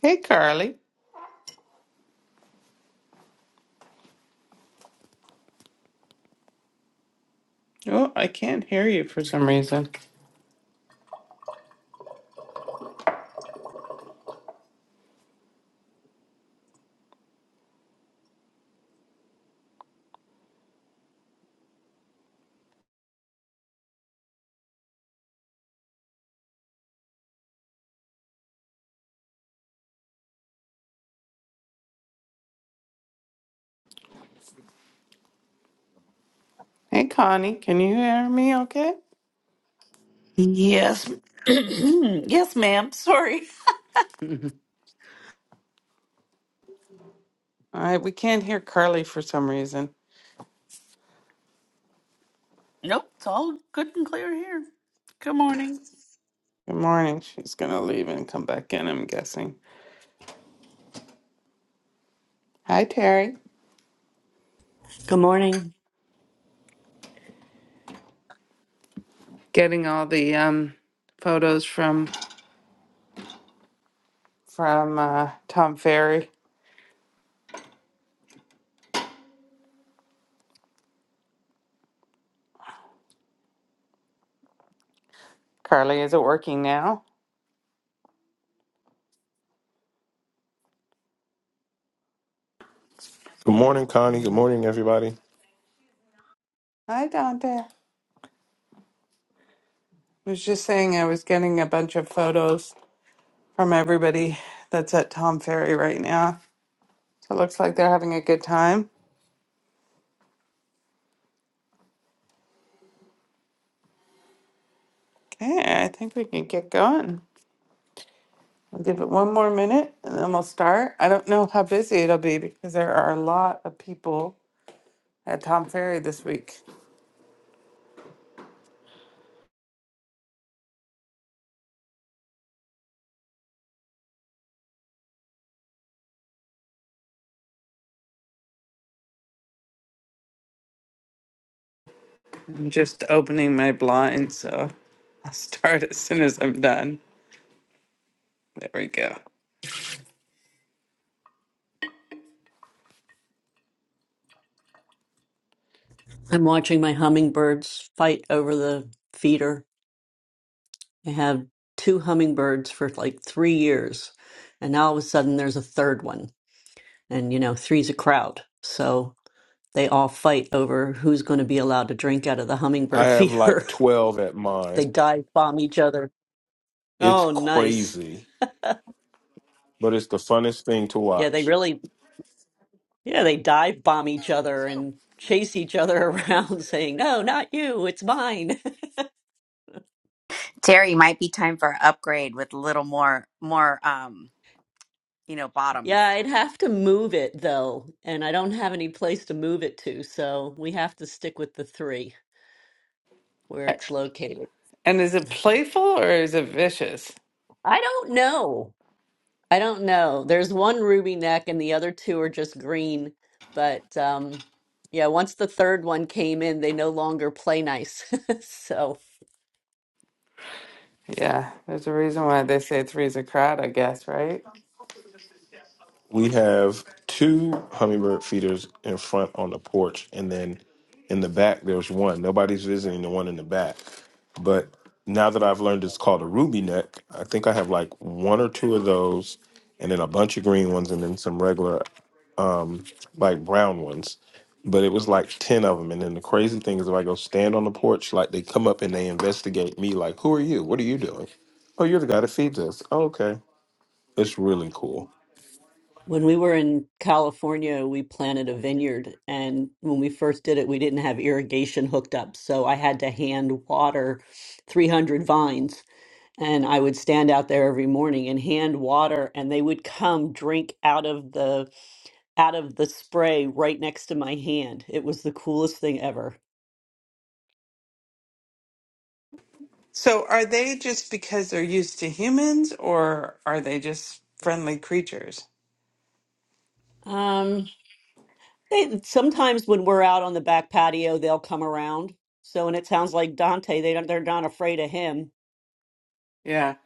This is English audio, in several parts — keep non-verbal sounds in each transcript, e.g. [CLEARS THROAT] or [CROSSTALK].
Hey, Carly. Oh, I can't hear you for some reason. Hey, Connie. Can you hear me okay? Yes. [CLEARS THROAT] yes, ma'am. Sorry. [LAUGHS] I, we can't hear Carly for some reason. Nope. It's all good and clear here. Good morning. Good morning. She's going to leave and come back in, I'm guessing. Hi, Terry. Good morning. Getting all the um, photos from from uh, Tom Ferry. Carly, is it working now? Good morning, Connie. Maybe Good not. morning, everybody. Hi, Dante. I was just saying I was getting a bunch of photos from everybody that's at Tom Ferry right now. So it looks like they're having a good time. Okay, I think we can get going. I'll give it one more minute and then we'll start. I don't know how busy it'll be because there are a lot of people at Tom Ferry this week. I'm just opening my blind, so I'll start [LAUGHS] as soon as I'm done. There we go. I'm watching my hummingbirds fight over the feeder. I have two hummingbirds for like three years, and now all of a sudden there's a third one. And you know, three's a crowd. So they all fight over who's going to be allowed to drink out of the I hummingbird have feeder. like 12 at [LAUGHS] mine. they dive bomb each other. It's Oh, nice. crazy, but it's the funnest thing to Yeah, they watch. really, yeah, they dive bomb each other and chase each other [LAUGHS] around saying, no, not you, it's mine. Terry, might be time for an upgrade with a little more, more, um, you know, Yeah, bottoms. I'd have to move it though, and I don't have any place to move it to, so we have to stick with the three where it's located. And is it playful or is it vicious? I don't know. I don't know. There's one ruby neck and the other two are just green, but um yeah, once the third one came in, they no longer play nice. [LAUGHS] So Yeah, there's a reason why they say three's a crowd, I guess, right? We have two hummingbird feeders in front on the porch, and then in the back, there's one. Nobody's visiting the one in the back. But now that I've learned it's called a ruby neck, I think I have like one or two of those, and then a bunch of green ones, and then some regular like brown ones, but it was like 10 of them. And then the crazy thing is, if I go stand on the porch, like they come up and they investigate me, like, who are you? What are you doing? Oh, you're the guy that feeds us. Oh, okay. It's really cool. When we were in California, we planted a vineyard, and when we first did it, we didn't have irrigation hooked up, so I had to hand water 300 vines. And I would stand out there every morning and hand water, and they would come drink out of the out of the spray right next to my hand. It was the coolest thing ever. So are they just because they're used to humans or are they just friendly creatures? Um, they, sometimes when we're out on the back patio, they'll come around. So, and it sounds like Dante, they don't, they're not afraid of him. Yeah,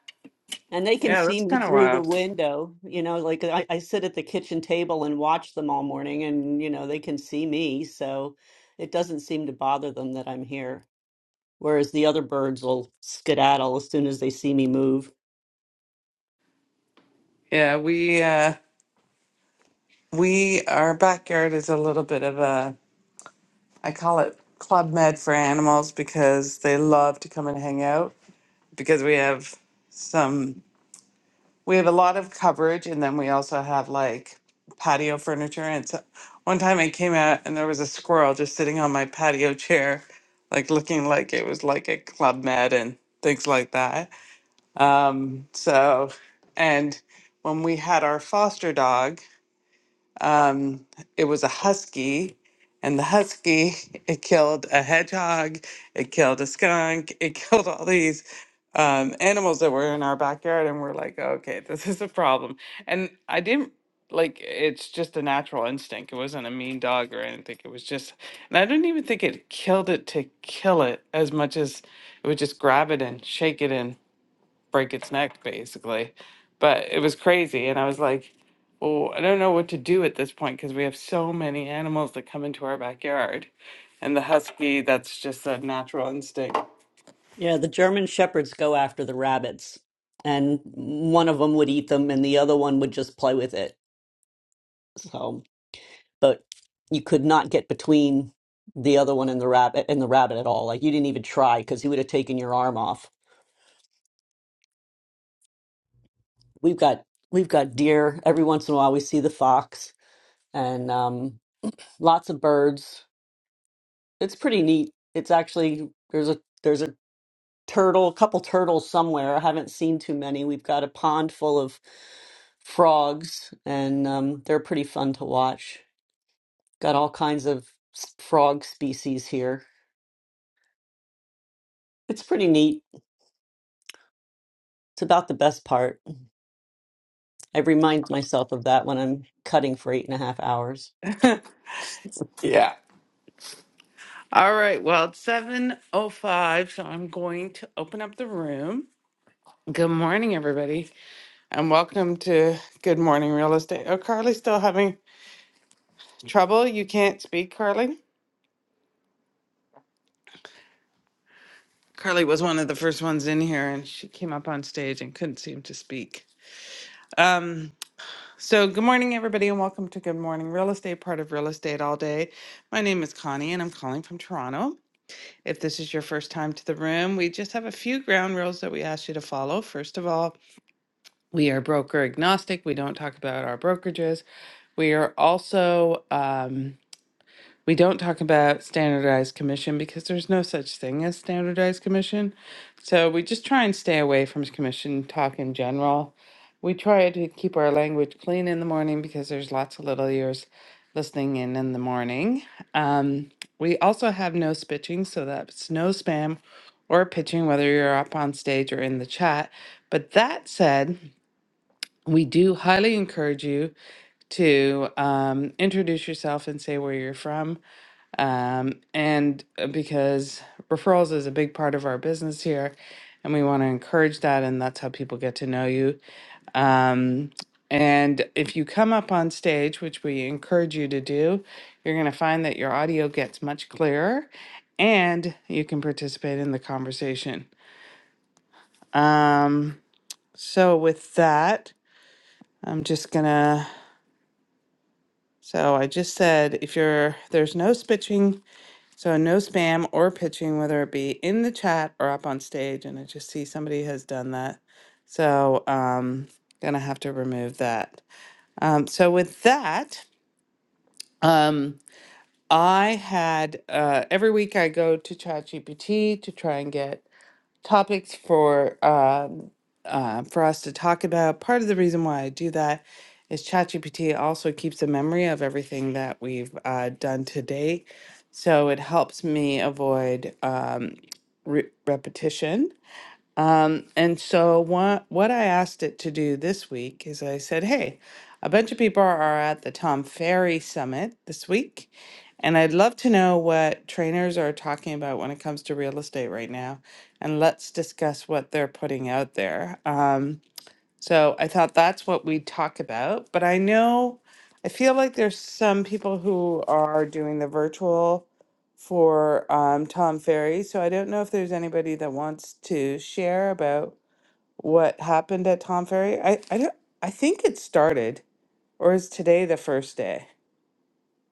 And they can yeah, see that's me kind of through the wild. window, you know, like I, I sit at the kitchen table and watch them all morning and, you know, they can see me. So it doesn't seem to bother them that I'm here. Whereas the other birds will skedaddle as soon as they see me move. Yeah, we uh we our backyard is a little bit of a I call it Club Med for animals because they love to come and hang out because we have some we have a lot of coverage and then we also have like patio furniture and so one time I came out and there was a squirrel just sitting on my patio chair like looking like it was like a Club Med and things like that. Um so and when we had our foster dog um, it was a husky, and the husky [LAUGHS] it killed a hedgehog, it killed a skunk, it [LAUGHS] killed all these um, animals that were in our backyard, and we're like, okay, this is a problem. And I didn't like it's just a natural instinct. It wasn't a mean dog or anything. It was just, and I didn't even think it killed it to kill it as much as it would just grab it and shake it and break its neck basically. But it was crazy. And I was like, well, I don't know what to do at this point because we have so many animals that come into our backyard. And the husky, that's just a natural instinct. Yeah, the German shepherds go after the rabbits, and one of them would eat them and the other one would just play with it. So. but you could not get between the other one and the rabbit and the rabbit at all. Like you didn't even try because he would have taken your arm off. We've got we've got deer every once in a while. We see the fox and um, lots of birds. It's pretty neat. It's actually there's a there's a turtle, a couple turtles somewhere. I haven't seen too many. We've got a pond full of frogs, and um, they're pretty fun to watch. Got all kinds of s- frog species here. It's pretty neat It's about the best part. I remind myself of that when I'm cutting for eight and a half hours. Yeah. All right, well, it's 7:05, so I'm going to open up the room. Good morning, everybody, and welcome to Good Morning Real Estate. Oh, Carly's still having trouble. You can't speak, Carly? Carly was one of the first ones in here and she came up on stage and couldn't seem to speak. Um, so good morning, everybody, and welcome to Good Morning Real Estate, part of Real Estate All Day. My name is Connie, and I'm calling from Toronto. If this is your first time to the room, we just have a few ground rules that we ask you to follow. First of all, we are broker agnostic. We don't talk about our brokerages. We are also um, we don't talk about standardized commission because there's no such thing as standardized commission. So we just try and stay away from commission talk in general. We try to keep our language clean in the morning because there's lots of little ears listening in in the morning. Um, we also have no spitching, so that's no spam or pitching, whether you're up on stage or in the chat. But that said, we do highly encourage you to um, introduce yourself and say where you're from um, and uh, because referrals is a big part of our business here, and we want to encourage that, and that's how people get to know you. Um, and if you come up on stage, which we encourage you to do, you're going to find that your audio gets much clearer, and you can participate in the conversation. Um, so with that, I'm just gonna. So I just said if you're there's no spitching So no spam or pitching, whether it be in the chat or up on stage. And I just see somebody has done that. So um gonna have to remove that. Um, so with that, um, I had uh, every week I go to ChatGPT to try and get topics for um, uh, for us to talk about. Part of the reason why I do that is ChatGPT also keeps a memory of everything that we've uh, done to date, so it helps me avoid um, re- repetition um, and so what what I asked it to do this week is I said, hey, a bunch of people are at the Tom Ferry Summit this week, and I'd love to know what trainers are talking about when it comes to real estate right now, and let's discuss what they're putting out there. Um, so I thought that's what we'd talk about. But I know, I feel like there's some people who are doing the virtual for um, Tom Ferry. So I don't know if there's anybody that wants to share about what happened at Tom Ferry. I, I don't, I think it started, or is today the first day?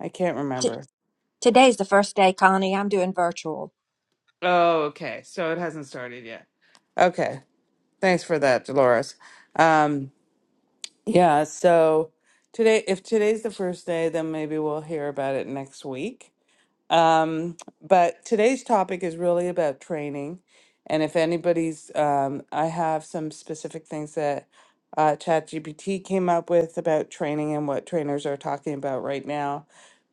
I can't T- remember. Today's the first day, Connie. I'm doing virtual. Oh, okay. So it hasn't started yet. Okay. Thanks for that, Dolores. Um, Yeah, so today, if today's the first day, then maybe we'll hear about it next week. Um, but today's topic is really about training. And if anybody's, um, I have some specific things that uh, ChatGPT came up with about training and what trainers are talking about right now.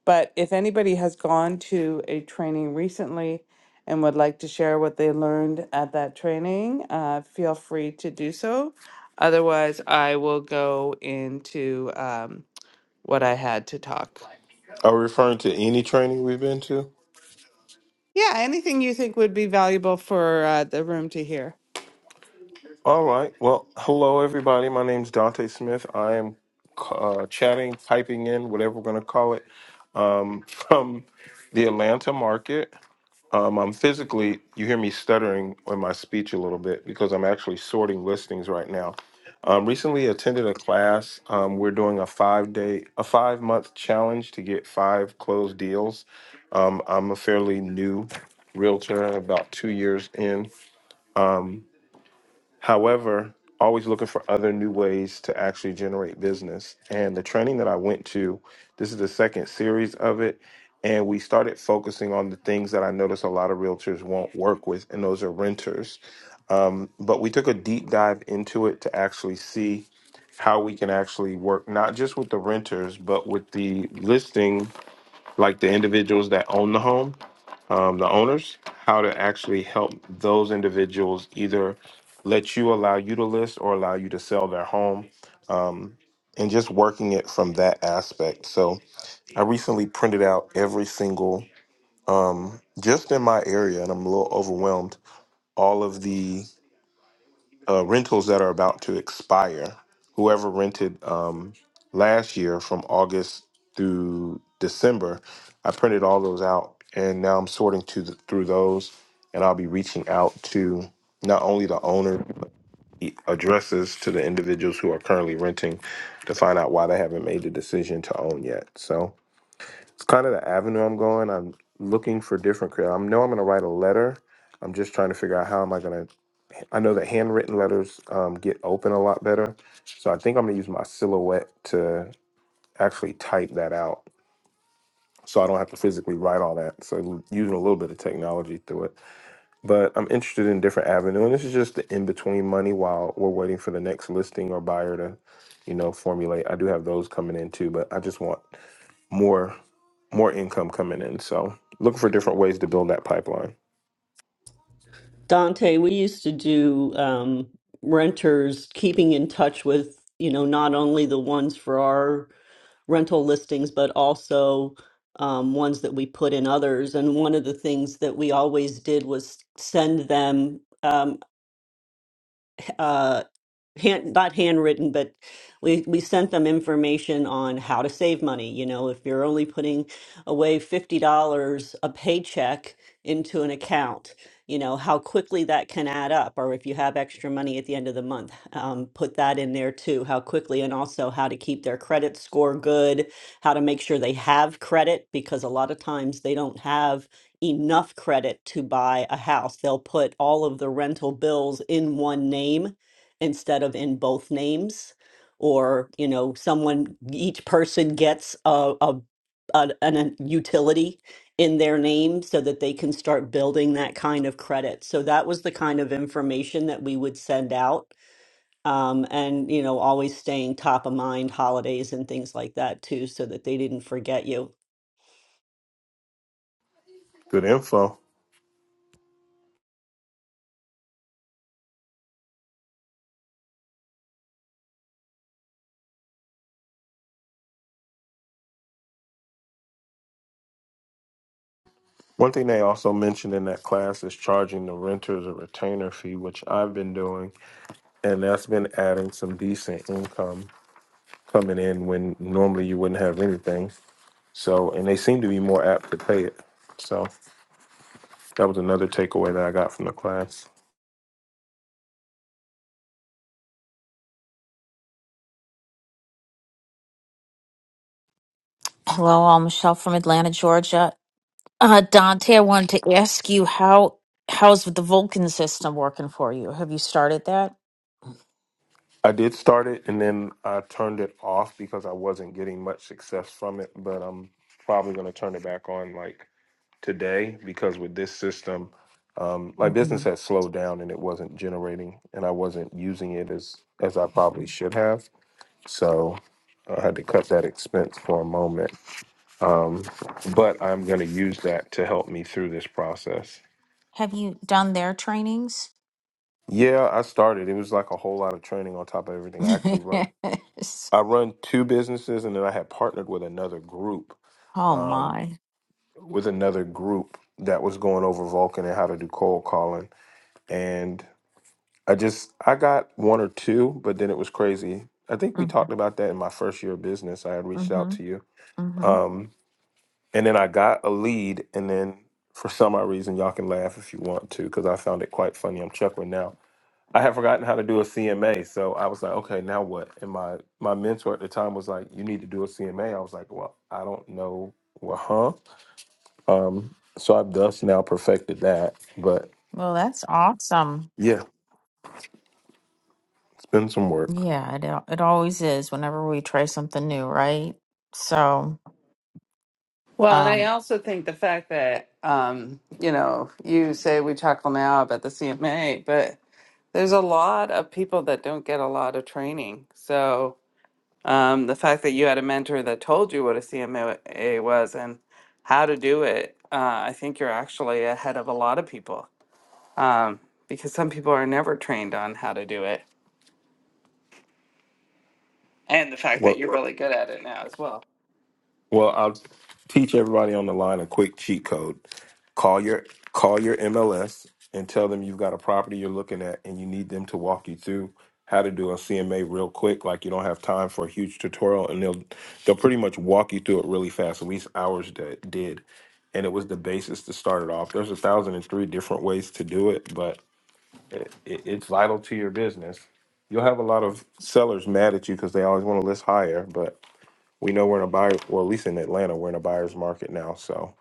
But if anybody has gone to a training recently and would like to share what they learned at that training, uh, feel free to do so. Otherwise, I will go into um, what I had to talk. Are we referring to any training we've been to? Yeah, anything you think would be valuable for uh, the room to hear. All right. Well, hello, everybody. My name's Dante Smith. I am uh, chatting, typing in, whatever we're going to call it, from the Atlanta market. Um, I'm physically, you hear me stuttering on my speech a little bit because I'm actually sorting listings right now. Um, recently attended a class. Um, we're doing a five day, a five month challenge to get five closed deals. Um, I'm a fairly new realtor, about two years in. However, always looking for other new ways to actually generate business. And the training that I went to, this is the second series of it. And we started focusing on the things that I noticed a lot of realtors won't work with, and those are renters. Um, but we took a deep dive into it to actually see how we can actually work not just with the renters, but with the listing, like the individuals that own the home um, the owners how to actually help those individuals either let you allow you to list or allow you to sell their home um, and just working it from that aspect so i recently printed out every single um, just in my area and i'm a little overwhelmed all of the uh, rentals that are about to expire. Whoever rented um, last year from August through December, I printed all those out, and now I'm sorting to the, through those, and I'll be reaching out to not only the owner but the addresses to the individuals who are currently renting to find out why they haven't made the decision to own yet. So it's kind of the avenue I'm going. I'm looking for different. crea- I know I'm going to write a letter. I'm just trying to figure out how am I going to I know that handwritten letters um, get open a lot better. So I think I'm going to use my silhouette to actually type that out so I don't have to physically write all that. So l- using a little bit of technology through it. But I'm interested in different avenue. And this is just the in-between money while we're waiting for the next listing or buyer to, you know, formulate. I do have those coming in too, but I just want more more income coming in. So looking for different ways to build that pipeline. Dante, we used to do um, renters keeping in touch with, you know, not only the ones for our rental listings, but also um, ones that we put in others. And one of the things that we always did was send them. Um, hand, not handwritten, but we we sent them information on how to save money. You know, if you're only putting away fifty dollars a paycheck into an account, you know how quickly that can add up. Or if you have extra money at the end of the month, um, put that in there too. How quickly, and also how to keep their credit score good. How to make sure they have credit because a lot of times they don't have enough credit to buy a house. They'll put all of the rental bills in one name instead of in both names or you know someone each person gets a, a, a an a utility in their name so that they can start building that kind of credit so that was the kind of information that we would send out um, and you know always staying top of mind holidays and things like that too so that they didn't forget you Good info. One thing they also mentioned in that class is charging the renters a retainer fee, which I've been doing, and that's been adding some decent income coming in when normally you wouldn't have anything. So, and they seem to be more apt to pay it. So, that was another takeaway that I got from the class. Hello, all Michelle from Atlanta, Georgia. Uh, Dante, I wanted to ask you how how's the Vulcan system working for you? Have you started that? I did start it and then I turned it off because I wasn't getting much success from it, but I'm probably going to turn it back on like today because with this system, um, my hmm business has slowed down and it wasn't generating, and I wasn't using it as as I probably should have. So I had to cut that expense for a moment. Um, but I'm going to use that to help me through this process. Have you done their trainings? Yeah, I started. It was like a whole lot of training on top of everything. [LAUGHS] I actually run Yes. I run two businesses, and then I had partnered with another group. Oh Um, my. with another group that was going over Vulcan and how to do cold calling. And I just I got one or two, but then it was crazy. I think we hmm talked about that in my first year of business. I had reached out hmm to you, hmm um, and then I got a lead, and then for some odd reason, y'all can laugh if you want to, because I found it quite funny. I'm chuckling now. I had forgotten how to do a CMA, so I was like, okay, now what? And my my mentor at the time was like, you need to do a CMA. I was like, well, I don't know, well, huh? Um, so I've thus now perfected that, but Well, that's awesome. yeah, it's been some work. Yeah, it al- it always is whenever we try something new, right? So, Well, and I um, also think the fact that, um, you know, you say we talk now about the CMA, but there's a lot of people that don't get a lot of training. So um, the fact that you had a mentor that told you what a CMA was and how to do it, uh, I think you're actually ahead of a lot of people um, because some people are never trained on how to do it. And the fact that What you're really good at it now as well. Well, I'll teach everybody on the line a quick cheat code. Call your call your MLS and tell them you've got a property you're looking at and you need them to walk you through how to do a CMA real quick. Like you don't have time for a huge tutorial and they'll they'll pretty much walk you through it really fast. At least ours that did. And it was the basis to start it off. There's a thousand and three different ways to do it, but it, it, it's vital to your business. You'll have a lot of sellers mad at you because they always want to list higher, but we know we're in a buyer well at least in atlanta we're in a buyer's market now so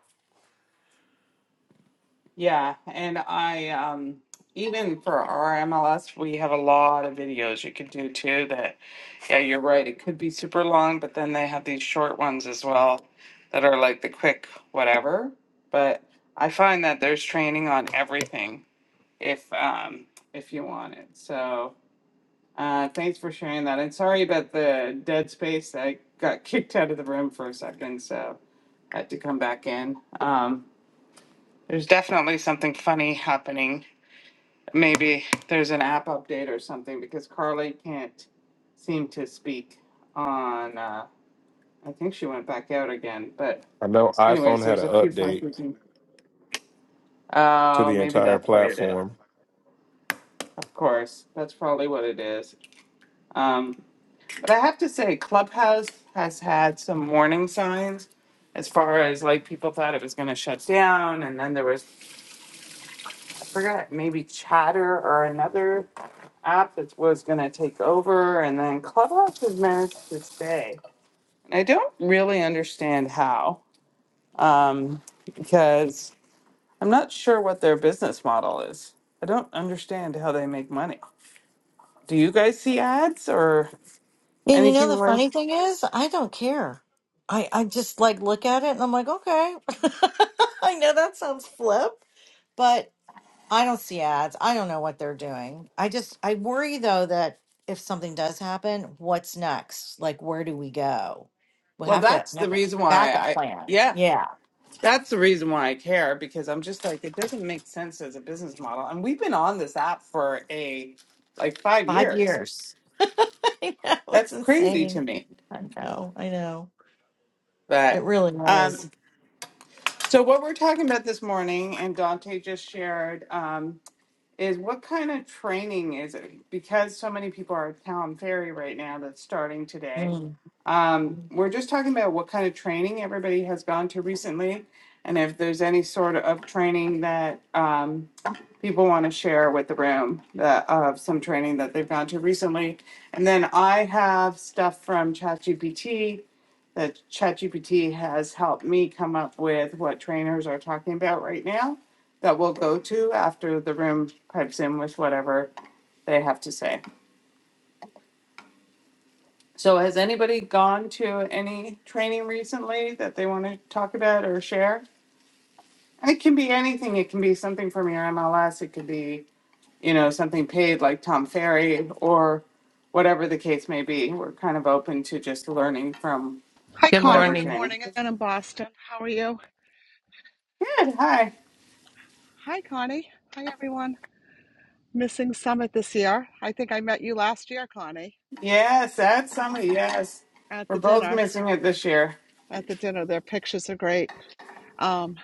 Yeah, and I um even for our MLS, we have a lot of videos you could do too that yeah, you're right. It could be super long, but then they have these short ones as well that are like the quick whatever. But I find that there's training on everything if um if you want it. So uh thanks for sharing that. And sorry about the dead space. I got kicked out of the room for a second, so had to come back in. Um there's definitely something funny happening. Maybe there's an app update or something because Carly can't seem to speak on. Uh, I think she went back out again. But, i know anyways, iphone had there's an a few update funky things. to Oh, the maybe entire that's what it is. platform Of course, that's probably what it is. Um, but I have to say, Clubhouse has had some warning signs as far as like people thought it was going to shut down. And then there was, I forgot, maybe chatter or another app that was going to take over, and then Clubhouse has managed to stay. And I don't really understand how, um, because I'm not sure what their business model is. I don't understand how they make money. Do you guys see ads or And you know anything the like? funny thing is, I don't care. I I just like look at it and I'm like, okay. [LAUGHS] I know that sounds flip, but I don't see ads. I don't know what they're doing. I just I worry though that if something does happen, what's next? Like where do we go? We'll Well, have to that's the have a reason why backup I plan. yeah. Yeah. That's the reason why I care because I'm just like it doesn't make sense as a business model. And we've been on this app for a like 5 Five years. years. [LAUGHS] I know it's That's crazy to insane. me. I know, I know. It But really was. um, So what we're talking about this morning, and Dante just shared, um, is what kind of training is it? Because so many people are at Calum Ferry right now that's starting today. Mm. Um, we're just talking about what kind of training everybody has gone to recently and if there's any sort of training that um, people want to share with the room that of some training that they've gone to recently. And then I have stuff from ChatGPT that ChatGPT has helped me come up with what trainers are talking about right now that we'll go to after the room pipes in with whatever they have to say. So has anybody gone to any training recently that they want to talk about or share? And it can be anything. It can be something from your MLS. It could be, you know, something paid like Tom Ferry or whatever the case may be. We're kind of open to just learning from Hi, Good Connie. whatever Good morning. training. morning. I'm in Boston, how are you? Good. Hi. Hi, Connie. Hi, everyone. Missing Summit this year. I think I met you last year, Connie, Yes, that's summer. Yes. at We're the both dinner. missing it this year. At the dinner, their pictures are great. Um,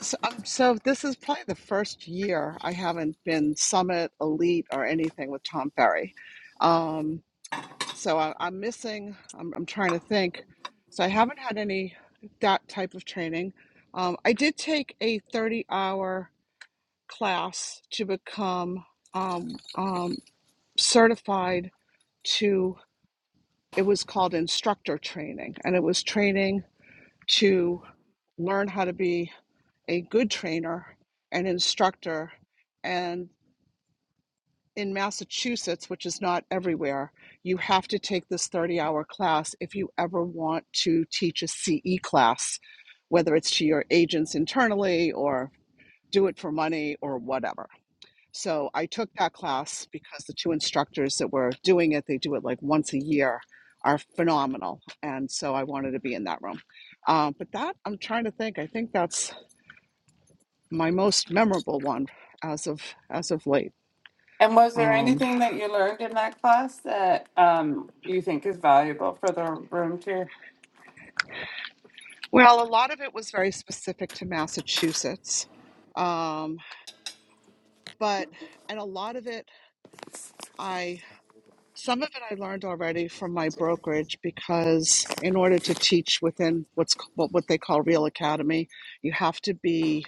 so, um, so this is probably the first year I haven't been Summit, Elite, or anything with Tom Ferry. Um, so I, I'm missing. I'm, I'm trying to think. So I haven't had any that type of training. Um, I did take a 30-hour class to become um, um, certified to it was called instructor training and it was training to learn how to be a good trainer and instructor and in massachusetts which is not everywhere you have to take this 30 hour class if you ever want to teach a ce class whether it's to your agents internally or do it for money or whatever So I took that class because the two instructors that were doing it, they do it like once a year, are phenomenal. And so I wanted to be in that room. Um, but that I'm trying to think. I think that's my most memorable one as of as of late. And was there Um, anything that you learned in that class that um, you think is valuable for the room too? well, a lot of it was very specific to Massachusetts, um, but and a lot of it I Some of it I learned already from my brokerage because in order to teach within what's c- what what they call Real Academy, you have to be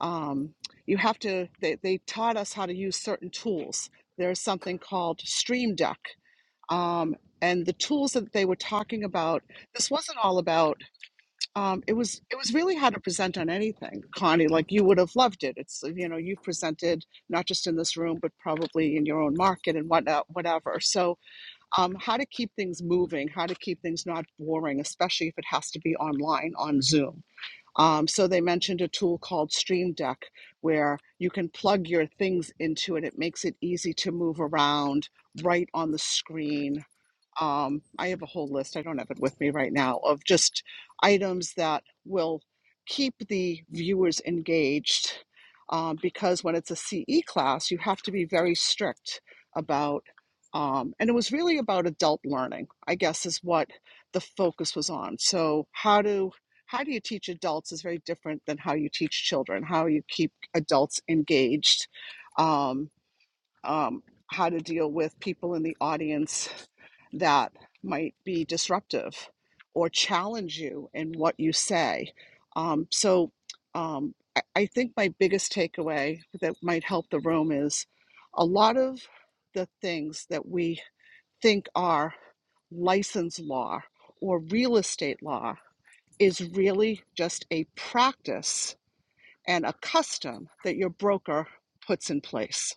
um, you have to they, they taught us how to use certain tools. There's something called Stream Deck. Um, and the tools that they were talking about, this wasn't all about. Um, it was it was really how to present on anything, Connie. Like you would have loved it. It's you know you've presented not just in this room, but probably in your own market and whatnot, whatever. So um, how to keep things moving, how to keep things not boring, especially if it has to be online on Zoom. Um, so they mentioned a tool called Stream Deck where you can plug your things into it. It makes it easy to move around right on the screen. Um, I have a whole list, I don't have it with me right now, of just items that will keep the viewers engaged. Um, because when it's a CE class, you have to be very strict about, um, and it was really about adult learning, I guess, is what the focus was on. So, how do how do you teach adults is very different than how you teach children. How you keep adults engaged, um, um, how to deal with people in the audience that might be disruptive or challenge you in what you say. Um, so um, I, I think my biggest takeaway that might help the room is a lot of the things that we think are license law or real estate law is really just a practice and a custom that your broker puts in place.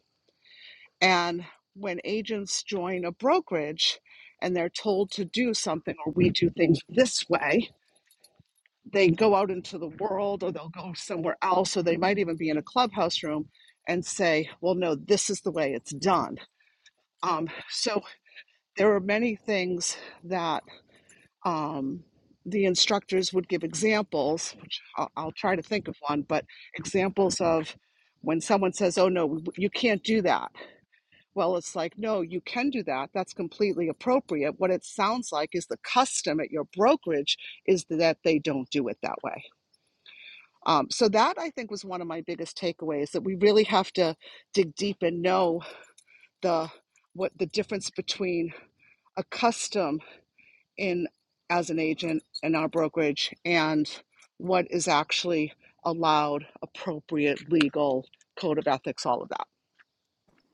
And when agents join a brokerage and they're told to do something or we do things this way, they go out into the world or they'll go somewhere else or they might even be in a clubhouse room and say, well, no, this is the way it's done. Um, so there are many things that um, the instructors would give examples, which I'll, I'll try to think of one, but examples of when someone says, oh, no, you can't do that Well, it's like, no, you can do that. That's completely appropriate. What it sounds like is the custom at your brokerage is that they don't do it that way. Um, so that I think was one of my biggest takeaways that we really have to dig deep and know the what the difference between a custom in as an agent in our brokerage and what is actually allowed, appropriate, legal, code of ethics, all of that.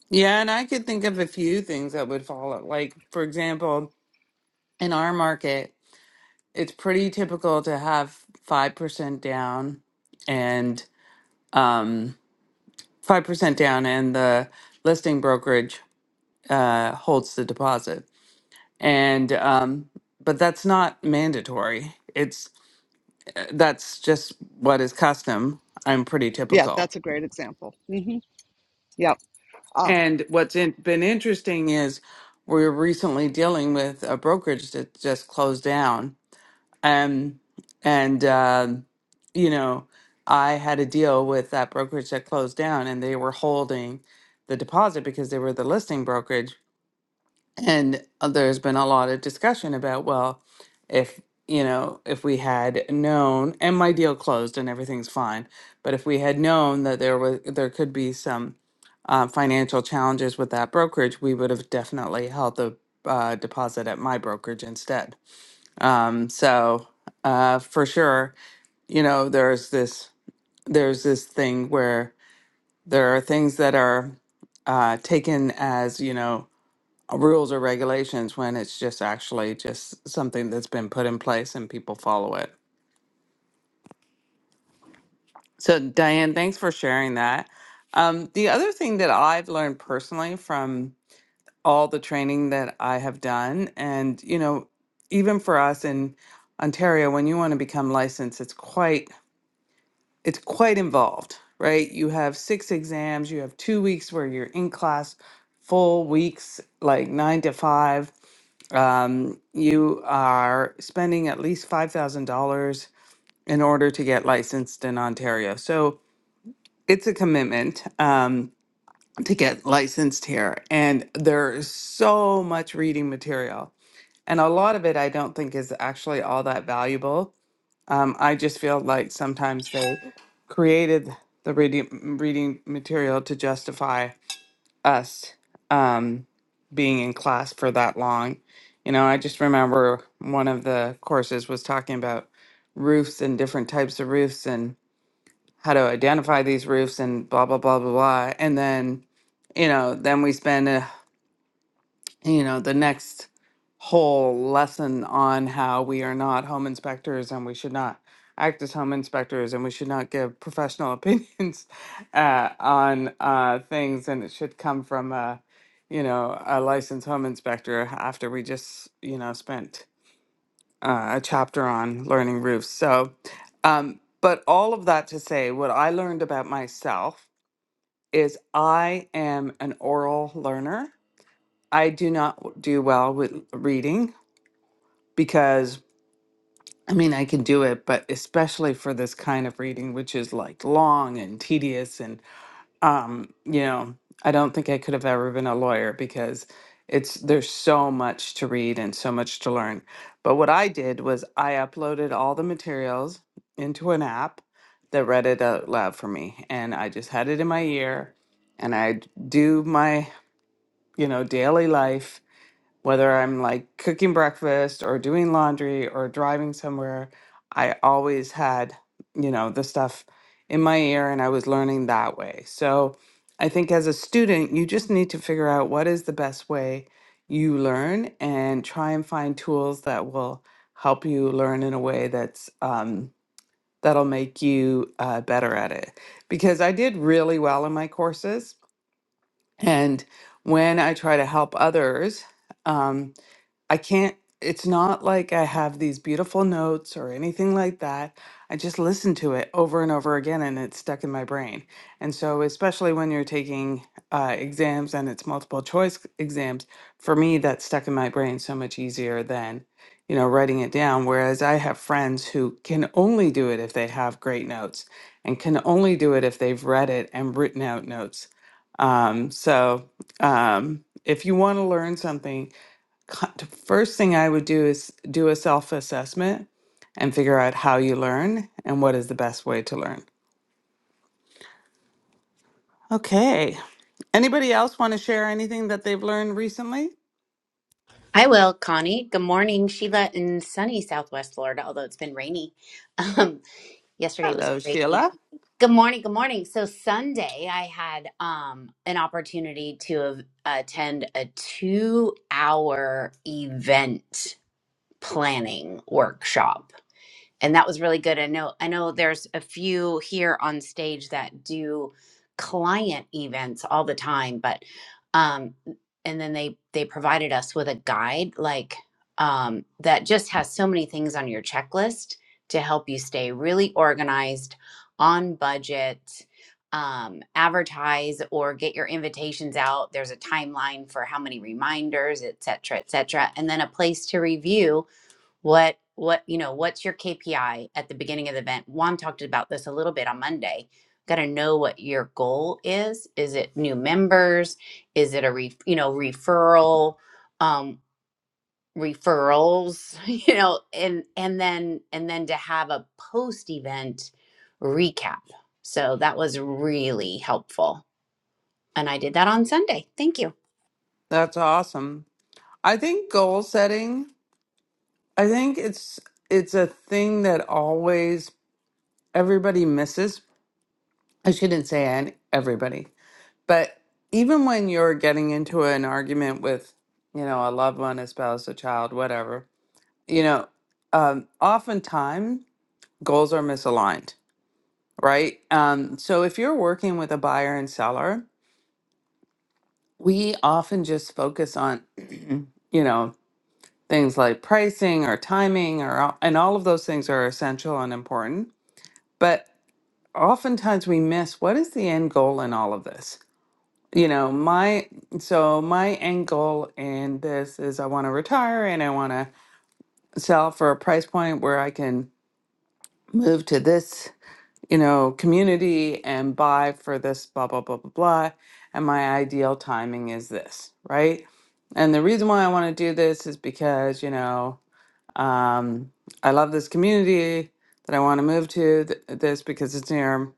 Yeah, and I could think of a few things that would follow. Like, for example, in our market, it's pretty typical to have 5% down and um, 5% down, and the listing brokerage uh, holds the deposit. And, um, but that's not mandatory. It's uh, that's just what is custom. I'm pretty Yeah, typical. that's a great example. hmm Yep. Ah, And what's in, been interesting is we we're recently dealing with a brokerage that just closed down. Um, and, um, you know, I had a deal with that brokerage that closed down and they were holding the deposit because they were the listing brokerage. And uh, there's been a lot of discussion about, well, if, you know, if we had known, and my deal closed and everything's fine, but if we had known that there was there could be some uh, financial challenges with that brokerage, we would have definitely held the uh, deposit at my brokerage instead. Um, so uh, for sure, you know, there's this there's this thing where there are things that are uh, taken as, you know rules or regulations when it's just actually just something that's been put in place and people follow it. So, Diane, thanks for sharing that. Um, the other thing that I've learned personally from all the training that I have done, and you know, even for us in Ontario, when you want to become licensed, it's quite it's quite involved, right? You have six exams, you have two weeks where you're in class, full weeks, like nine to five um, you are spending at least $5,000 in order to get licensed in Ontario. So it's a commitment um, to get licensed here. And there is so much reading material. And a lot of it I don't think is actually all that valuable. Um, I just feel like sometimes they created the reading, reading material to justify us um, being in class for that long. You know, I just remember one of the courses was talking about roofs and different types of roofs and how to identify these roofs and blah blah blah blah blah. And then, you know, then we spend you know, the next whole lesson on how we are not home inspectors and we should not act as home inspectors and we should not give professional [LAUGHS] opinions uh, on uh, things and it should come from a you know a licensed home inspector after we just you know spent uh, a chapter on learning roofs so um, but all of that to say what i learned about myself is i am an oral learner I do not do well with reading because I mean, I can do it, but especially for this kind of reading, which is like long and tedious. And, um, you know, I don't think I could have ever been a lawyer because it's there's so much to read and so much to learn. But what I did was I uploaded all the materials into an app that read it out loud for me. And I just had it in my ear and I do my, you know, daily life whether I'm like cooking breakfast or doing laundry or driving somewhere, I always had, you know, the stuff in my ear and I was learning that way. So I think as a student, you just need to figure out what is the best way you learn and try and find tools that will help you learn in a way that's um, that'll make you uh, better at it. Because I did really well in my courses, and when I try to help others. Um, I can't, it's not like I have these beautiful notes or anything like that. I just listen to it over and over again and it's stuck in my brain. And so, especially when you're taking uh, exams and it's multiple choice exams, for me, that's stuck in my brain so much easier than, you know, writing it down. Whereas I have friends who can only do it if they have great notes and can only do it if they've read it and written out notes. Um, so, um, if you want to learn something, co- the first thing I would do is do a self assessment and figure out how you learn and what is the best way to learn. Okay. Anybody else want to share anything that they've learned recently? I will, Connie. Good morning, Sheila, in sunny Southwest Florida, although it's been rainy. [LAUGHS] Um, yesterday was Hello, crazy. Sheila. Good morning, good morning. So Sunday, I had um, an opportunity to have, attend a two-hour event planning workshop and that was really good. I know I know there's a few here on stage that do client events all the time, but um and then they they provided us with a guide like um that just has so many things on your checklist to help you stay really organized, on budget, um advertise or get your invitations out. There's a timeline for how many reminders, et cetera, et cetera, and then a place to review what what you know what's your kpi at the beginning of the event juan talked about this a little bit on monday got to know what your goal is is it new members is it a re, you know referral um referrals [LAUGHS] you know and and then and then to have a post event recap so that was really helpful and i did that on sunday thank you That's awesome. I think goal setting, I think it's it's a thing that always everybody misses. I shouldn't say an everybody, but even when you're getting into an argument with, you know, a loved one, a spouse, a child, whatever, you know, um, oftentimes goals are misaligned, right? Um, so if you're working with a buyer and seller, we often just focus on, [CLEARS THROAT] you know, things like pricing or timing, or all- and all of those things are essential and important. But oftentimes we miss what is the end goal in all of this. You know, my so my end goal in this is I want to retire and I want to sell for a price point where I can move to this you know, community and buy for this, blah, blah, blah, blah, blah. And my ideal timing is this, right? And the reason why I want to do this is because, you know, um, I love this community that I want to move to, th- this because it's near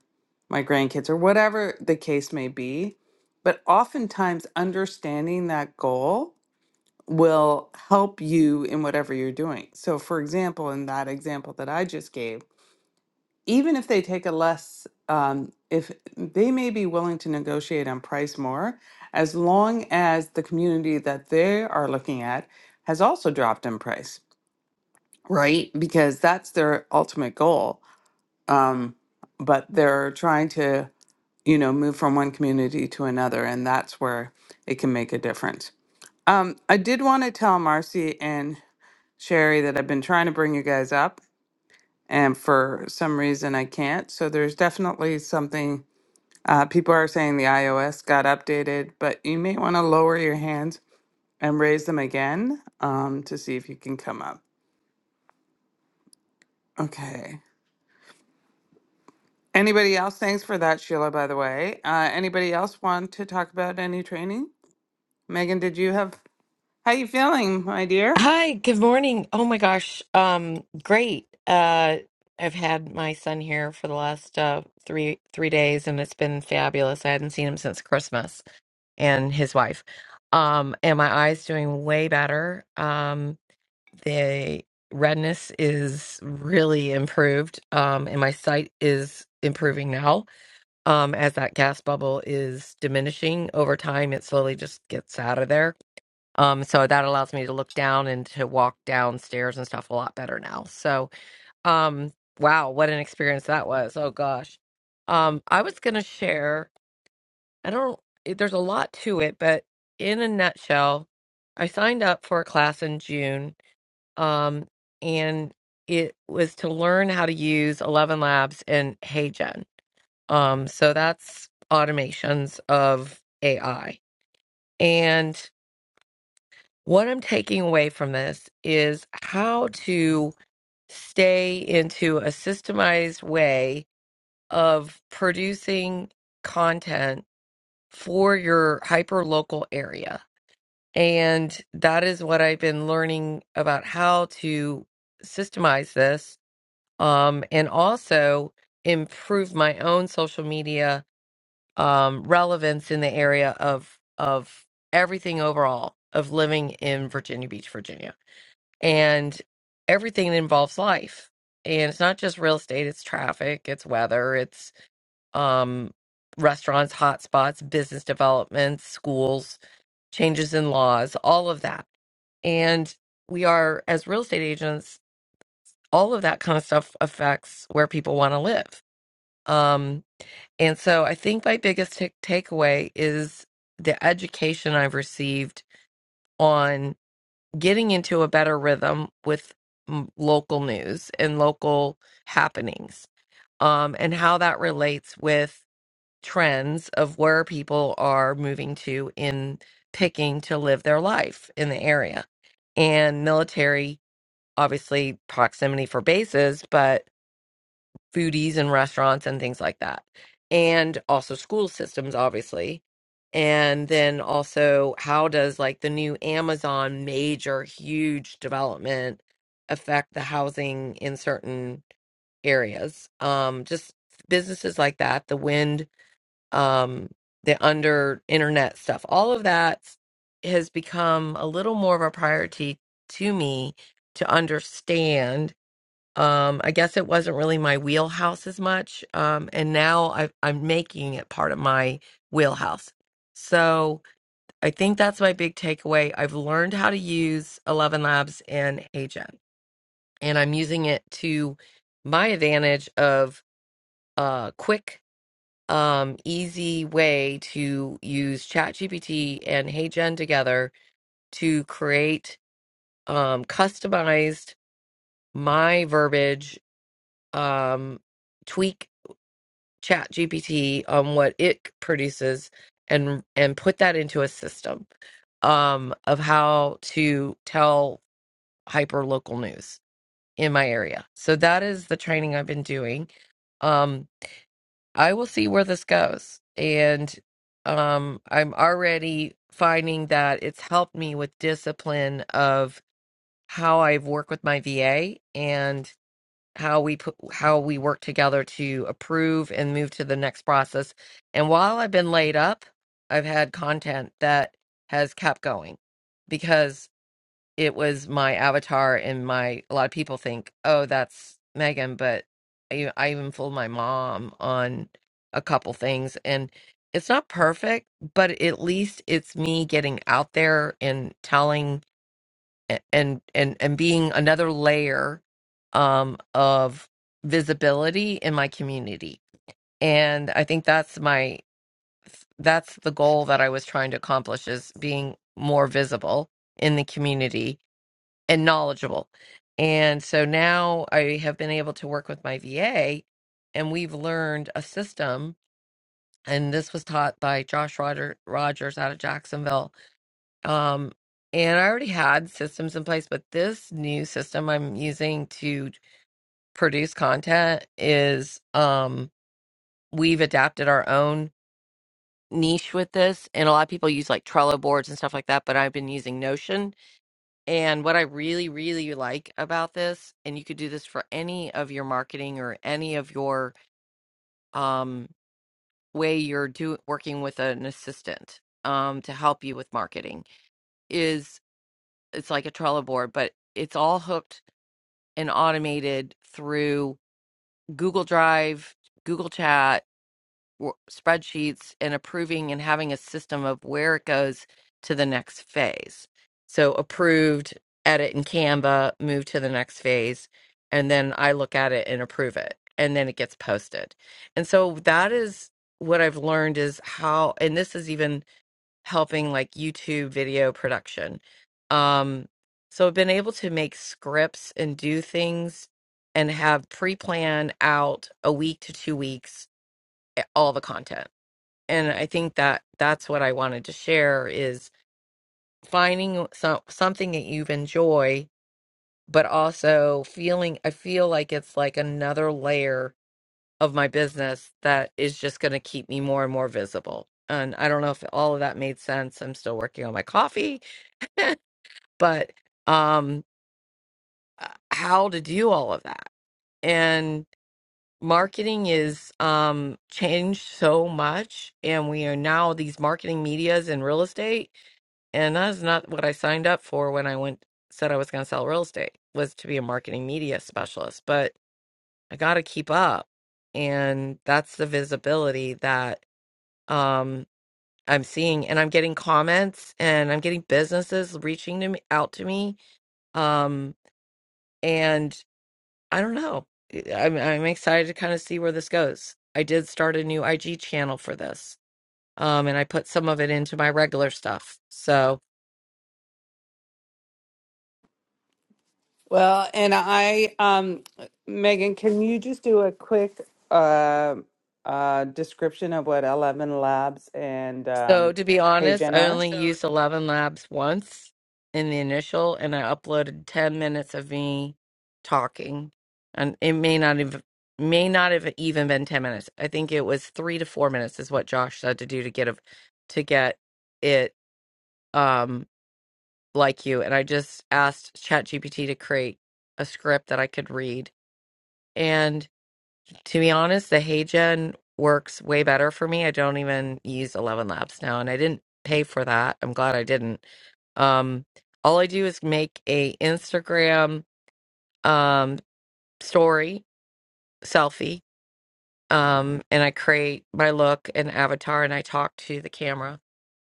my grandkids or whatever the case may be. But oftentimes, understanding that goal will help you in whatever you're doing. So, for example, in that example that I just gave, even if they take a less, um, if they may be willing to negotiate on price more, as long as the community that they are looking at has also dropped in price, right? Because that's their ultimate goal. Um, but they're trying to, you know, move from one community to another, and that's where it can make a difference. Um, I did want to tell Marcy and Sherry that I've been trying to bring you guys up and for some reason I can't. So there's definitely something Uh, people are saying the iOS got updated, but you may want to lower your hands and raise them again um, to see if you can come up. Okay. Anybody else? Thanks for that, Sheila, by the way. Uh, anybody else want to talk about any training? Megan, did you have, how you feeling, my dear? Hi, good morning. Oh my gosh. Um, great. Uh, I've had my son here for the last uh three three days and it's been fabulous. I hadn't seen him since Christmas and his wife. Um, and my eye's doing way better. Um, the redness is really improved. Um, and my sight is improving now. Um, as that gas bubble is diminishing over time, it slowly just gets out of there Um, so that allows me to look down and to walk downstairs and stuff a lot better now. So, um, wow, what an experience that was. Oh gosh. Um, I was gonna share, I don't, it- there's a lot to it, but in a nutshell, I signed up for a class in June, um, and it was to learn how to use 11 Labs and HeyGen. Um, so that's automations of AI. What I'm taking away from this is how to stay into a systemized way of producing content for your hyper local area. And that is what I've been learning about how to systemize this um, and also improve my own social media um, relevance in the area of, of everything overall of living in Virginia Beach, Virginia and everything that involves life. And it's not just real estate, it's traffic, it's weather, it's um, restaurants, hotspots, business developments, schools, changes in laws, all of that. And we are, as real estate agents, all of that kind of stuff affects where people want to live. Um, and so I think my biggest ta- takeaway is the education I've received on. getting into a better rhythm with m- local news and local happenings um, and how that relates with trends of where people are moving to in picking to live their life in the area and military obviously proximity for bases but foodies and restaurants and things like that. And also school systems, obviously. And then also, how does like the new Amazon major, huge development affect the housing in certain areas? Um, just businesses like that, the wind, um, the under internet stuff, all of that has become a little more of a priority to me to understand um i guess it wasn't really my wheelhouse as much um and now i i'm making it part of my wheelhouse so i think that's my big takeaway i've learned how to use 11 labs and heygen and i'm using it to my advantage of a quick um easy way to use ChatGPT and heygen together to create um customized my verbiage um tweak chat gpt on what it produces and and put that into a system um of how to tell hyper local news in my area so that is the training i've been doing um i will see where this goes and um i'm already finding that it's helped me with discipline of how i work with my va and how we put how we work together to approve and move to the next process. And while I've been laid up, I've had content that has kept going because it was my avatar and my a lot of people think, "Oh, that's Megan," but I, I even fooled my mom on a couple things and it's not perfect, but at least it's me getting out there and telling a- and and and being another layer um of visibility in my community and i think that's my that's the goal that i was trying to accomplish is being more visible in the community and knowledgeable and so now i have been able to work with my va and we've learned a system and this was taught by josh Roger, rogers out of jacksonville um, and I already had systems in place, but this new system I'm using to produce content is um, we've adapted our own niche with this. And a lot of people use like Trello boards and stuff like that, but I've been using Notion. And what I really, really like about this, and you could do this for any of your marketing or any of your um, way you're do working with an assistant um, to help you with marketing, is it's like a Trello board, but it's all hooked and automated through Google Drive, Google Chat, w- spreadsheets, and approving and having a system of where it goes to the next phase. So approved, edit in Canva, move to the next phase, and then I look at it and approve it, and then it gets posted. And so that is what I've learned is how, and this is even helping like YouTube video production. Um, so I've been able to make scripts and do things and have pre plan out a week to two weeks eh, all the content. And I think that that's what I wanted to share is finding so, something that you've enjoy, but also feeling I feel like it's like another layer of my business that is just going to keep me more and more visible. And I don't know if all of that made sense. I'm still working on my coffee [LAUGHS] but um uh, how to do all of that and marketing is um changed so much and we are now these marketing medias in real estate and that's not what i signed up for when i went said i was going to sell real estate was to be a marketing media specialist but i got to keep up and that's the visibility that um i'm seeing and i'm getting comments and i'm getting businesses reaching to me, out to me um and I don't know. I'm I'm excited to kind of see where this goes. I did start a new IG channel for this. Um and I put some of it into my regular stuff. So Well, and I, um, Megan, can you just do a quick uh, uh, description of what 11 Labs and so um, to be Hey honest, Gen I are? only So, used 11 labs once in the initial and I uploaded 10 minutes of me talking. And it may not have may not have even been 10 minutes. I think it was 3 to 4 minutes is what Josh said to do to get a, to get it um like you and I just asked ChatGPT to create a script that I could read. And to be honest, the HeyGen works way better for me. I don't even use 11 Labs now and I didn't pay for that. I'm glad I didn't. Um all I do is make a Instagram um story selfie um and I create my look and avatar and I talk to the camera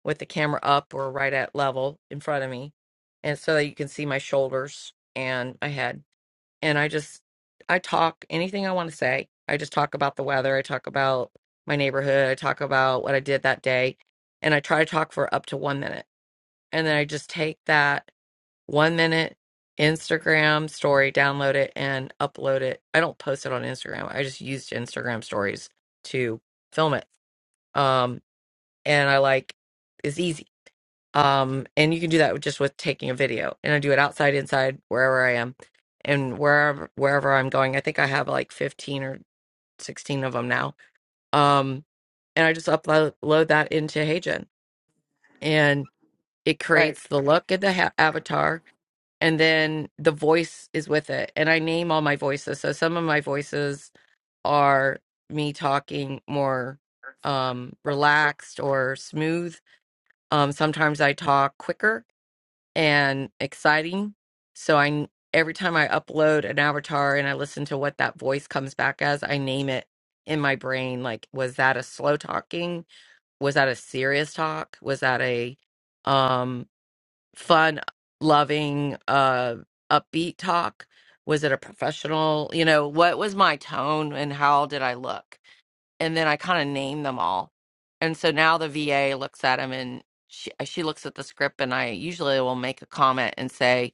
with the camera up or right at level in front of me and so that you can see my shoulders and my head and i just i talk anything i want to say i just talk about the weather i talk about my neighborhood i talk about what i did that day and i try to talk for up to one minute and then i just take that one minute instagram story download it and upload it i don't post it on instagram i just used instagram stories to film it um and i like it's easy um and you can do that with- just with taking a video and i do it outside inside wherever i am and wherever wherever i'm going i think i have like 15 or 16 of them now um and i just upload load that into heygen and it right. creates the look and the ha- avatar and then the voice is with it and i name all my voices so some of my voices are me talking more um relaxed or smooth um sometimes i talk quicker and exciting. So I every time I upload an avatar and I listen to what that voice comes back as, I name it in my brain like was that a slow talking? Was that a serious talk? Was that a um fun loving uh upbeat talk? Was it a professional? You know, what was my tone and how did I look? and then I kind of name them all. And so now the VA looks at them and she, uh, she looks at the script, and I usually will make a comment and say,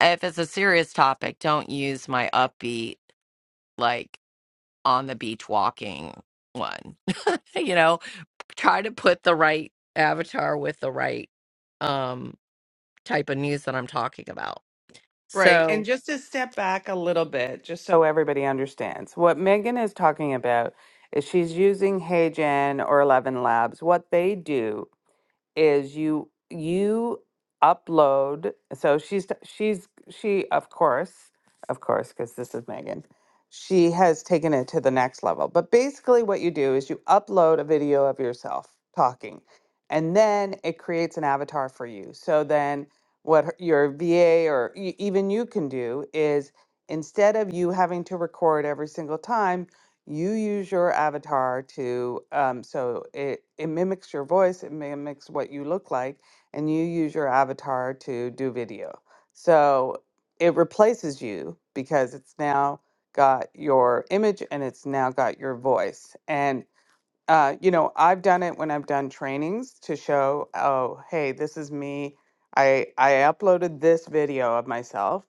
if it's a serious topic, don't use my upbeat, like on the beach walking one. [LAUGHS] you know, try to put the right avatar with the right um, type of news that I'm talking about. Right. And So, just to step back a little bit, just so everybody understands, what Megan is talking about is she's using HeyGen or Eleven Labs. What they do is you you upload so she's t- she's she of course of course because this is megan she has taken it to the next level but basically what you do is you upload a video of yourself talking and then it creates an avatar for you so then what her- your va or e- even you can do is instead of you having to record every single time you use your avatar to um, so it, it mimics your voice it mimics what you look like and you use your avatar to do video so it replaces you because it's now got your image and it's now got your voice and uh, you know i've done it when i've done trainings to show oh hey this is me i i uploaded this video of myself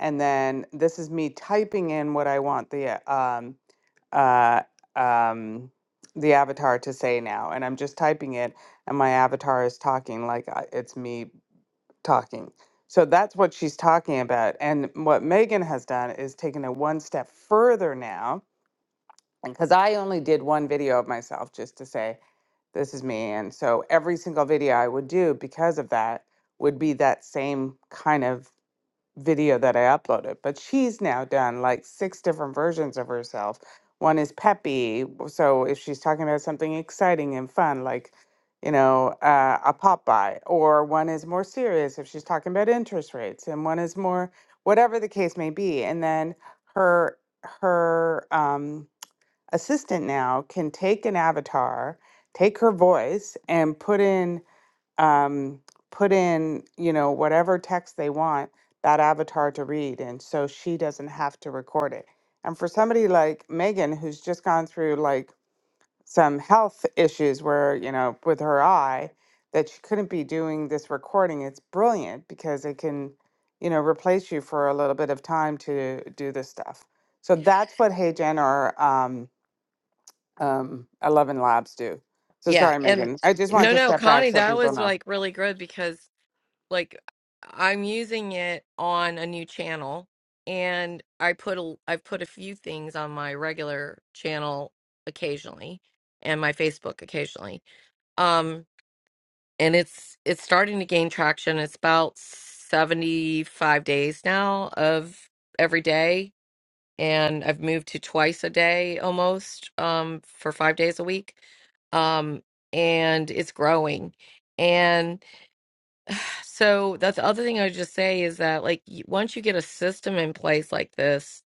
and then this is me typing in what i want the uh, um, uh, um, the avatar to say now, and I'm just typing it, and my avatar is talking like I- it's me talking. So that's what she's talking about. And what Megan has done is taken it one step further now, because I only did one video of myself just to say, this is me. And so every single video I would do because of that would be that same kind of video that I uploaded, but she's now done like six different versions of herself. One is peppy. So if she's talking about something exciting and fun, like, you know, uh, a Popeye, or one is more serious if she's talking about interest rates, and one is more whatever the case may be. And then her, her, um, assistant now can take an avatar, take her voice and put in um, put in, you know, whatever text they want that avatar to read. And so she doesn't have to record it. And for somebody like Megan, who's just gone through like some health issues where, you know, with her eye, that she couldn't be doing this recording, it's brilliant because it can, you know, replace you for a little bit of time to do this stuff. So that's what Hey Jen or um, um, Eleven Labs do. So yeah. sorry, And Megan. I just wanted no, to no, step back Connie, so that people was know. like really good because like I'm using it on a new channel and I put a I've put a few things on my regular channel occasionally and my Facebook occasionally. Um and it's it's starting to gain traction. It's about 75 days now of every day and I've moved to twice a day almost um for 5 days a week. Um and it's growing. and. So that's the other thing I would just say is that like y- once you get a system in place like this,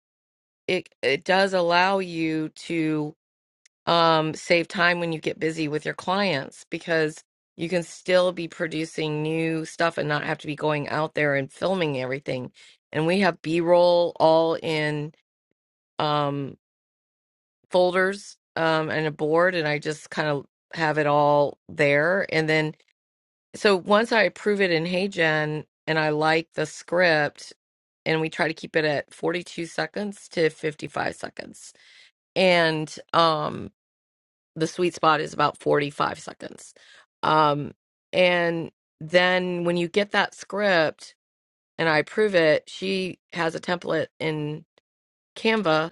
it it does allow you to um save time when you get busy with your clients because you can still be producing new stuff and not have to be going out there and filming everything. And we have B-roll all in um folders um and a board and I just kind of have it all there and then so once I approve it in HeyGen and I like the script, and we try to keep it at 42 seconds to 55 seconds, and um, the sweet spot is about 45 seconds. Um, and then when you get that script and I approve it, she has a template in Canva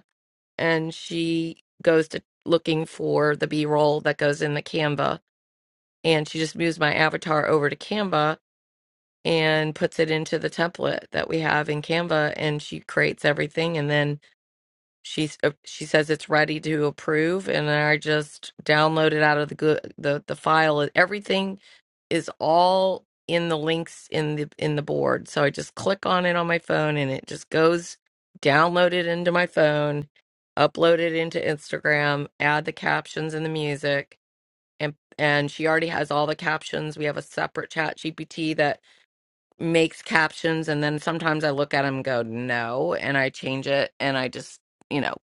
and she goes to looking for the B roll that goes in the Canva. And she just moves my avatar over to Canva and puts it into the template that we have in Canva and she creates everything and then she's uh, she says it's ready to approve and then I just download it out of the go- the the file everything is all in the links in the in the board so I just click on it on my phone and it just goes download it into my phone upload it into Instagram add the captions and the music and and she already has all the captions we have a separate chat GPT that makes captions and then sometimes I look at them and go no and I change it and I just you know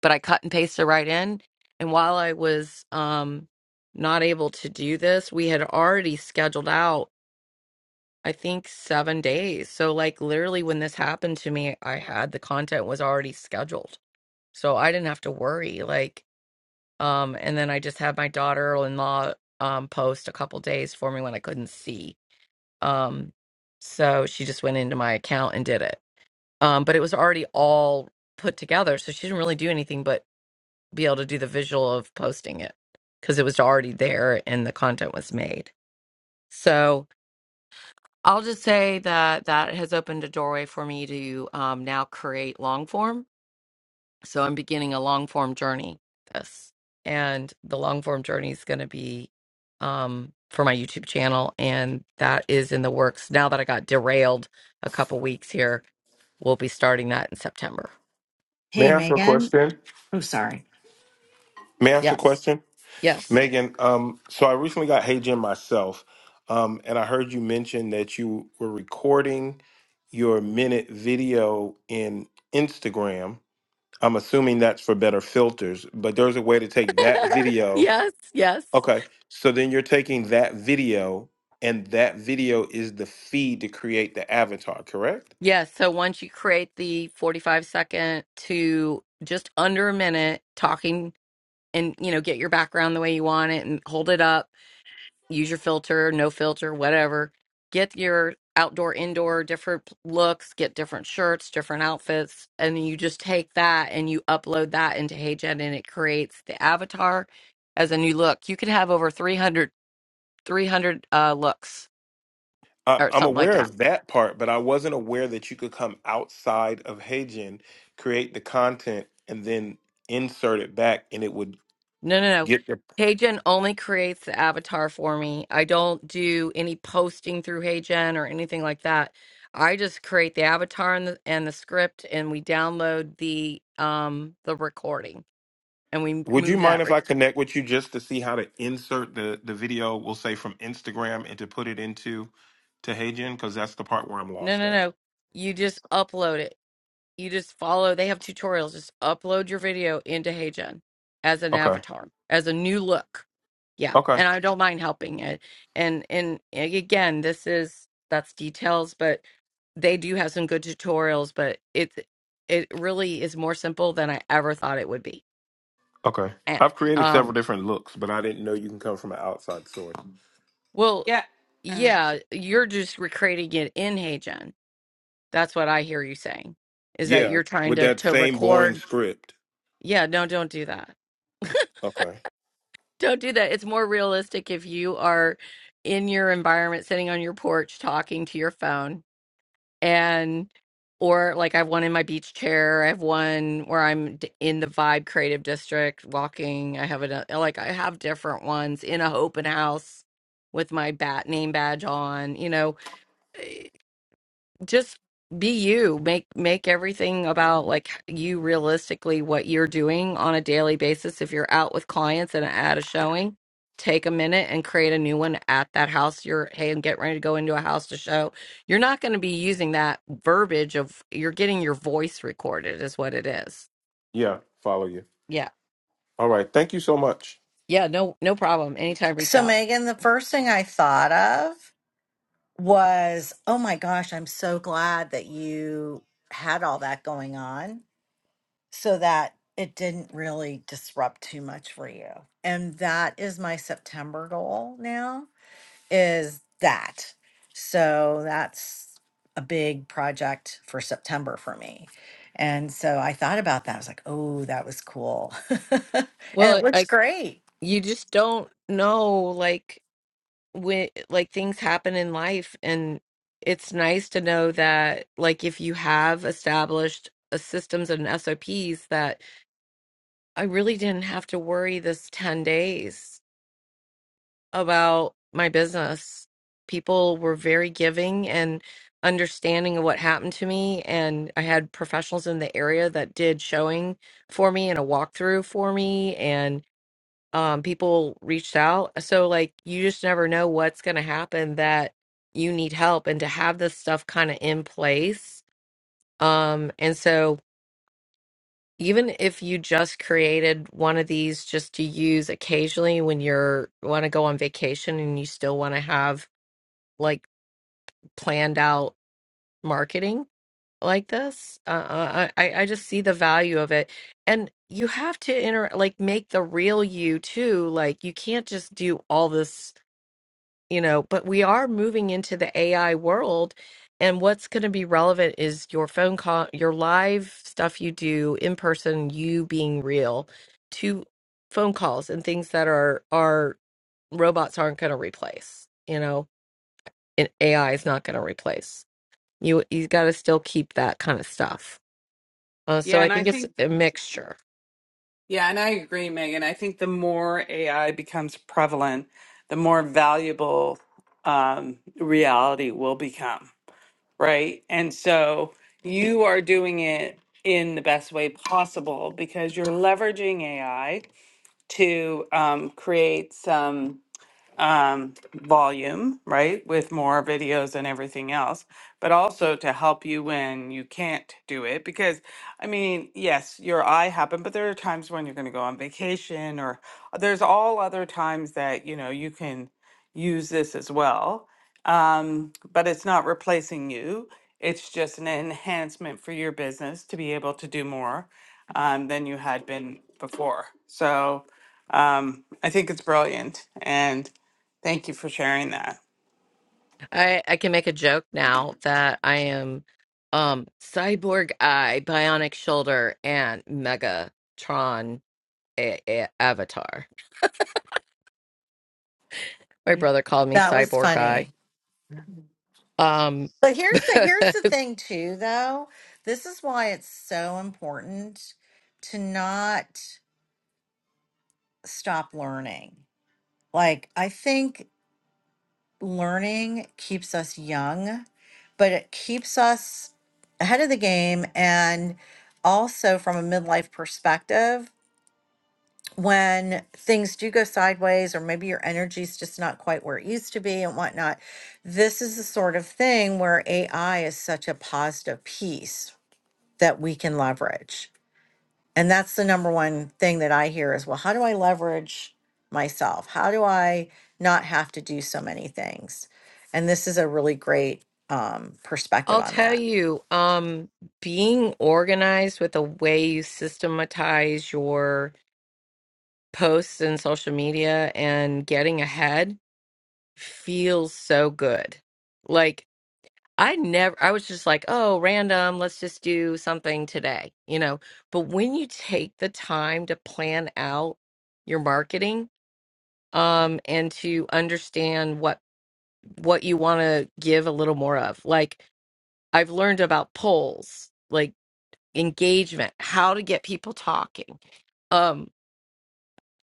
but I cut and paste it right in and while I was um not able to do this we had already scheduled out I think 7 days so like literally when this happened to me I had the content was already scheduled so I didn't have to worry like um and then I just had my daughter-in-law um post a couple days for me when I couldn't see um, so she just went into my account and did it. Um, but it was already all put together, so she didn't really do anything but be able to do the visual of posting it because it was already there and the content was made. So I'll just say that that has opened a doorway for me to um, now create long form So I'm beginning a long form journey this. And the long form journey is going to be um for my YouTube channel and that is in the works. Now that I got derailed a couple weeks here, we'll be starting that in September. may i Hey ask a Megan. question Oh sorry. may i ask a Yes. question Yes. megan um, so i recently got heygen myself um, and i heard you mention that you were recording your minute video in instagram i'm assuming that's for better filters but there's a way to [LAUGHS] take that video yes, yes. Okay. So then you're taking that video, and that video is the feed to create the avatar, correct? Yes, so once you create the 45 second to just under a minute talking and you know get your background the way you want it and hold it up use your filter, no filter, whatever. Get your outdoor, indoor, different p- looks, get different shirts, different outfits. And you just take that and you upload that into HeyGen and it creates the avatar as a new look. You could have over 300, 300 uh, looks I'm, or I'm something like aware that. of that part, but I wasn't aware that you could come outside of Heijin, create the content, and then insert it back, and it would No, no, no. get the. HeyGen only creates the avatar for me. I don't do any posting through HeyGen or anything like that. I just create the avatar and the and the script, and we download the um the recording, and we Would you move that. mind if Rec- I connect with you just to see how to insert the the video? We'll say from Instagram and to put it into to Heijin because that's the part where I'm no, lost no, at. no. You just upload it. you just follow they have tutorials just upload your video into heygen as an Okay. avatar as a new look yeah Okay. and i don't mind helping it and and again this is that's details but they do have some good tutorials but it's it really is more simple than i ever thought it would be Okay. and, I've created several um different looks, but I didn't know you can come from an outside source. well Yeah. And so- yeah you're just recreating it in heygen that's what i hear you saying is that Yeah, you're trying with to that to same boring record script. yeah no don't do that Okay. Don't do that. It's more realistic if you are in your environment, sitting on your porch, talking to your phone, and or like I have one in my beach chair. I have one where I'm d- in the Vibe Creative District, walking. I have it like I have different ones in a open house with my bat name badge on. You know, eh, just be you make make everything about like you realistically what you're doing on a daily basis if you're out with clients and at a showing take a minute and create a new one at that house you're hey and get ready to go into a house to show you're not going to be using that verbiage of you're getting your voice recorded is what it is Yeah, follow you. yeah All right. Thank you so much. yeah no no problem anytime reach So, out Megan, the first thing I thought of was, oh my gosh, I'm so glad that you had all that going on so that it didn't really disrupt too much for you. And that is my September goal now is that. So, that's a big project for September for me. And so I thought about that. I was like, oh, that was cool. [LAUGHS] and well it looks i great. you just don't know like when like things happen in life and it's nice to know that like if you have established a systems and SOPs that I really didn't have to worry this 10 days about my business. People were very giving and understanding of what happened to me and I had professionals in the area that did showing for me and a walkthrough for me and um people reached out so like you just never know what's going to happen that you need help and to have this stuff kind of in place um and so even if you just created one of these just to use occasionally when you're want to go on vacation and you still want to have like planned out marketing like this uh, uh, i i I just see the value of it and you have to inter like make the real you too like you can't just do all this you know, but we are moving into the AI world. And what's going to be relevant is your phone call, your live stuff you do in person, you being real to phone calls and things that are, are robots aren't going to replace, you know, and AI is not going to replace. You, you got to still keep that kind of stuff. Uh, so yeah, I and I think it's think a mixture. yeah, and I agree, Megan. I think the more AI becomes prevalent, the more valuable um, reality will become, right? And so you are doing it in the best way possible because you're leveraging AI to um, create some. um, volume, right, with more videos and everything else, but also to help you when you can't do it. Because, I mean, yes, your eye happened, but there are times when you're going to go on vacation, or there's all other times that you know you can use this as well. Um, but it's not replacing you. It's just an enhancement for your business to be able to do more um, than you had been before. So um, I think it's brilliant. And Thank you for sharing that. I I can make a joke now that I am um cyborg eye, bionic shoulder, and Megatron a- a- avatar. My brother called me That was cyborg eye. funny. Um, But [LAUGHS] here's the here's the thing too though. This is why it's so important to not stop learning. Like I think learning keeps us young, but it keeps us ahead of the game and also from a midlife perspective when things do go sideways or maybe your energy's just not quite where it used to be and whatnot this is the sort of thing where ai is such a positive piece that we can leverage. And that's the number one thing that I hear is, well, how do I leverage myself? How do I not have to do so many things? And this is a really great um, perspective I'll on tell that. you, um, being organized with the way you systematize your posts and social media and getting ahead feels so good. Like. I never, I was just like, oh, random, let's just do something today, you know. But when you take the time to plan out your marketing, um, and to understand what what you want to give a little more of, like I've learned about polls, like engagement, how to get people talking, um,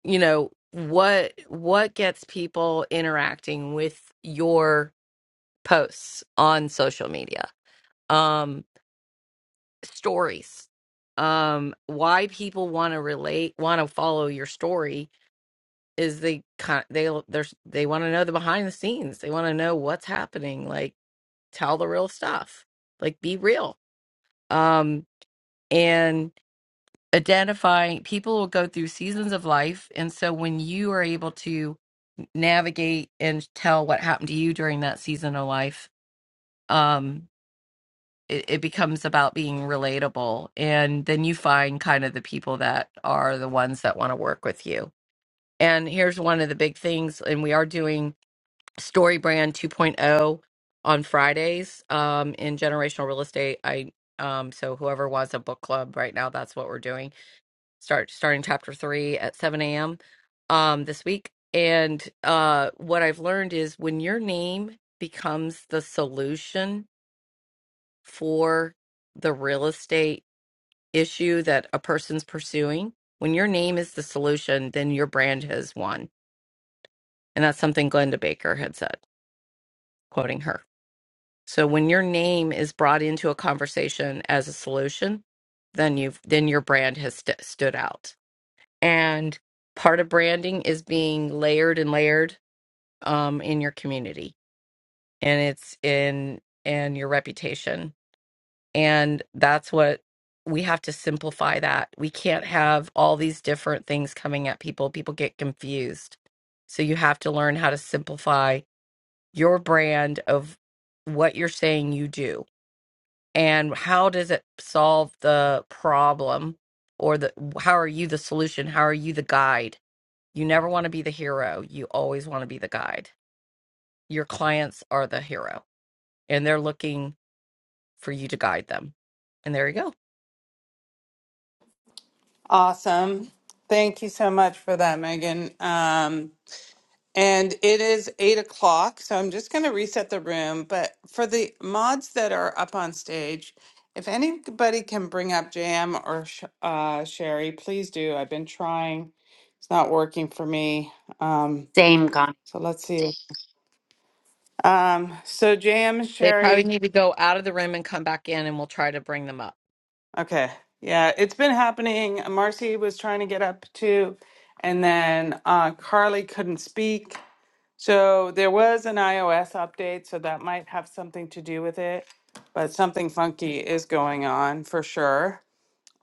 you know, what what gets people interacting with your posts on social media. um, stories. Um, why people want to relate, want to follow your story is they kind they there's they want to know the behind the scenes. They want to know what's happening. Like tell the real stuff. Like be real. Um, and identifying people will go through seasons of life, and so when you are able to navigate and tell what happened to you during that season of life, um, it, it becomes about being relatable and then you find kind of the people that are the ones that want to work with you and here's one of the big things and we are doing story brand 2.0 on fridays um, in generational real estate i um, so whoever wants a book club right now that's what we're doing start starting chapter 3 at 7 a.m um, this week and uh, what i've learned is when your name becomes the solution for the real estate issue that a person's pursuing, when your name is the solution, then your brand has won. And that's something Glenda Baker had said, quoting her. So when your name is brought into a conversation as a solution, then you've then your brand has st- stood out. And part of branding is being layered and layered um, in your community, and it's in and your reputation And that's what we have to simplify that. We can't have all these different things coming at people. People get confused. So you have to learn how to simplify your brand of what you're saying you do and how does it solve the problem or the how are you the solution? How are you the guide? You never want to be the hero. You always want to be the guide. Your clients are the hero and they're looking for you to guide them. And there you go. Awesome. Thank you so much for that, Megan. Um, and it is eight o'clock, so I'm just going to reset the room. But for the mods that are up on stage, if anybody can bring up Jam or Sh- uh, Sherry, please do. I've been trying, it's not working for me. Um, same con so let's see. Um, so Jam, They Sherry, probably need to go out of the room and come back in, and we'll try to bring them up. Okay. Yeah, it's been happening. Marcy was trying to get up too, and then uh, Carly couldn't speak. So there was an iOS update, so that might have something to do with it, but something funky is going on for sure.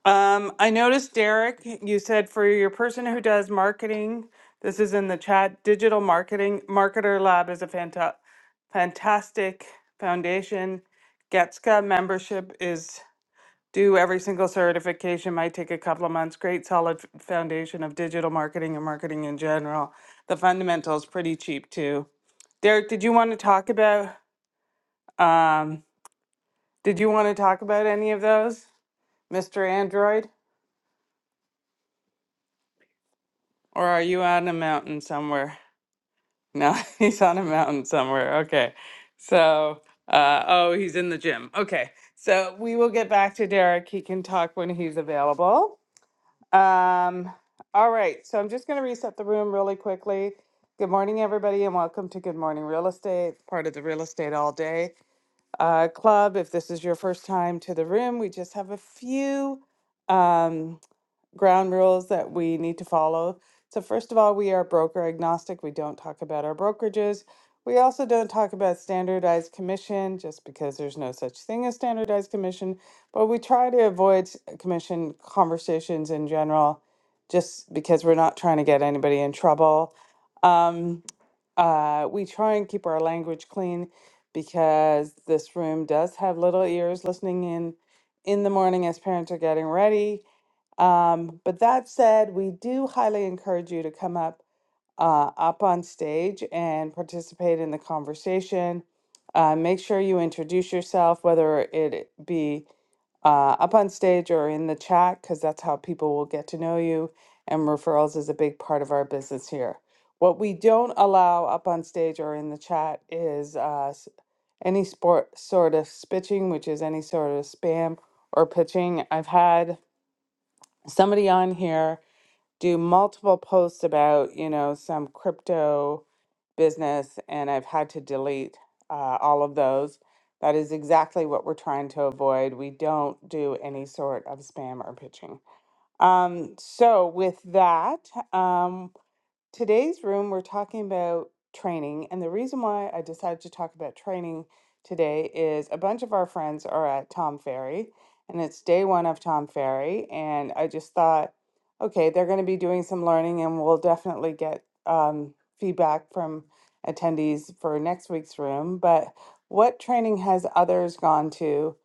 Um, I noticed, Derek, you said for your person who does marketing, this is in the chat, Digital Marketing Marketer Lab is a fanta- fantastic foundation. Getska membership is do every single certification might take a couple of months great solid f- foundation of digital marketing and marketing in general the fundamentals pretty cheap too derek did you want to talk about um, did you want to talk about any of those mr android or are you on a mountain somewhere no [LAUGHS] he's on a mountain somewhere okay so uh, oh he's in the gym okay so we will get back to derek he can talk when he's available Um, all right, so I'm just going to reset the room really quickly. Good morning, everybody, and welcome to Good Morning Real Estate, part of the Real Estate All Day uh, Club. If this is your first time to the room, we just have a few. Um, ground rules that we need to follow. So, first of all, we are broker agnostic. We don't talk about our brokerages. We also don't talk about standardized commission just because there's no such thing as standardized commission, but we try to avoid s- commission conversations in general just because we're not trying to get anybody in trouble. Um, uh, we try and keep our language clean because this room does have little ears listening in in the morning as parents are getting ready um, but that said, we do highly encourage you to come up uh, up on stage and participate in the conversation. Uh, make sure you introduce yourself, whether it be uh, up on stage or in the chat, because that's how people will get to know you. And referrals is a big part of our business here. What we don't allow up on stage or in the chat is uh, s- any sport sort of spitching, which is any sort of spam or pitching. I've had somebody on here do multiple posts about you know some crypto business and i've had to delete uh, all of those that is exactly what we're trying to avoid we don't do any sort of spam or pitching um, so with that um, Today's room, we're talking about training. And the reason why I decided to talk about training today is a bunch of our friends are at Tom Ferry, and it's day one of Tom Ferry. And I just thought, okay, they're going to be doing some learning, and we'll definitely get um, feedback from attendees for next week's room. But what training has others gone to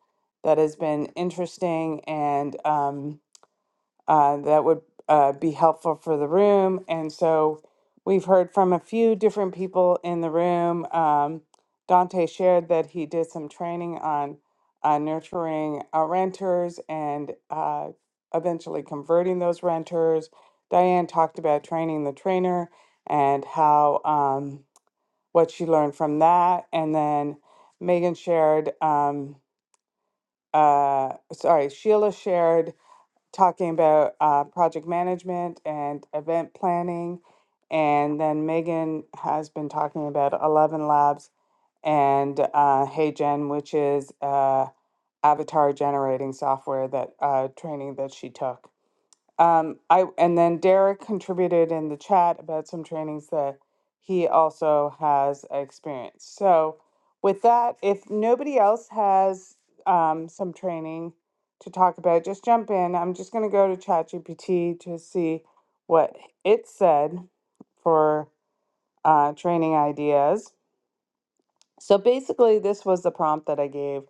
that has been interesting and, um, uh, that would uh, be helpful for the room. And so we've heard from a few different people in the room. Um, Dante shared that he did some training on uh, nurturing uh, renters and uh, eventually converting those renters. Diane talked about training the trainer and how um, what she learned from that. And then Megan shared, um, uh, sorry, Sheila shared talking about uh, project management and event planning. And then Megan has been talking about Eleven Labs and uh, HeyGen, which is uh, avatar generating software that uh, training that she took. Um, I and then Derek contributed in the chat about some trainings that he also has experience. So, with that, if nobody else has um, some training to talk about, just jump in. I'm just going to go to ChatGPT to see what it said for uh, training ideas. So basically, this was the prompt that I gave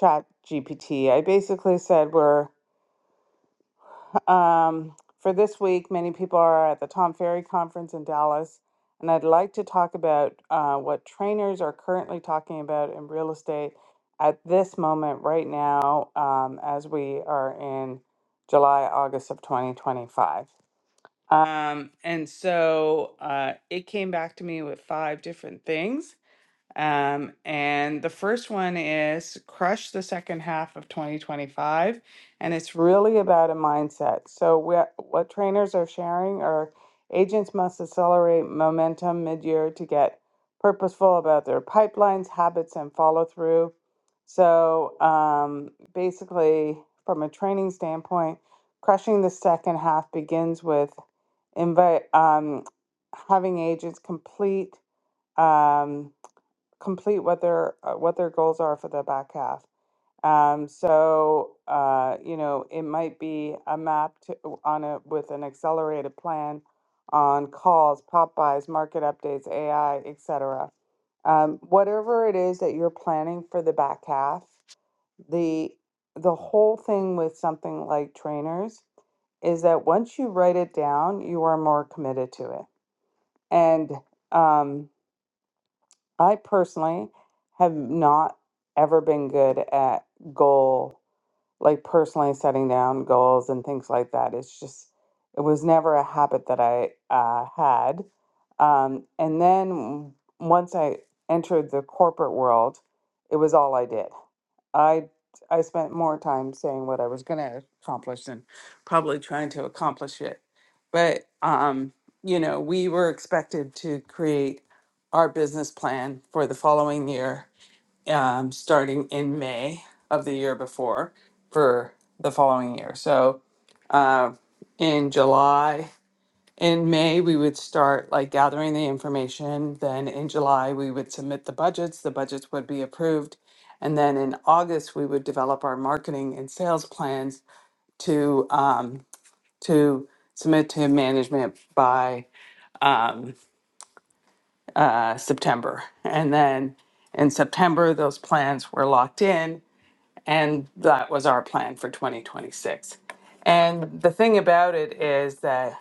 ChatGPT. I basically said we're Um, for this week, many people are at the Tom Ferry Conference in Dallas, and I'd like to talk about uh, what trainers are currently talking about in real estate at this moment, right now, um, as we are in July, August of 2025. Um, and so uh, it came back to me with five different things. Um, and the first one is crush the second half of 2025. And it's really about a mindset. So, what, what trainers are sharing are agents must accelerate momentum mid year to get purposeful about their pipelines, habits, and follow through. So, um, basically, from a training standpoint, crushing the second half begins with invite, um, having agents complete. Um, complete what their uh, what their goals are for the back half. Um, so uh, you know, it might be a map to, on a with an accelerated plan on calls, pop buys, market updates, AI, etc. Um, whatever it is that you're planning for the back half, the the whole thing with something like trainers is that once you write it down, you are more committed to it. And um. I personally have not ever been good at goal, like personally setting down goals and things like that. It's just, it was never a habit that I uh, had. Um, and then once I entered the corporate world, it was all I did. I I spent more time saying what I was going to accomplish than probably trying to accomplish it. But um, you know, we were expected to create our business plan for the following year, um, starting in May of the year before for the following year. So uh, in July in May, we would start like gathering the information. Then in July, we would submit the budgets. The budgets would be approved. And then in August, we would develop our marketing and sales plans to um, to submit to management by um, uh, September. And then in September, those plans were locked in, and that was our plan for 2026. And the thing about it is that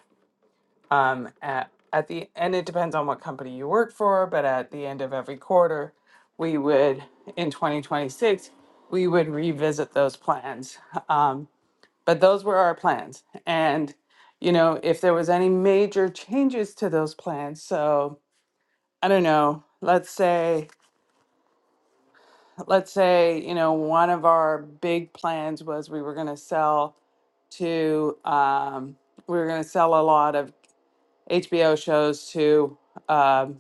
Um, at, at the and it depends on what company you work for, but at the end of every quarter, we would in 2026 we would revisit those plans. Um, but those were our plans, and you know if there was any major changes to those plans, so I don't know. Let's say let's say you know one of our big plans was we were going to sell to um, we were going to sell a lot of HBO shows to. Um,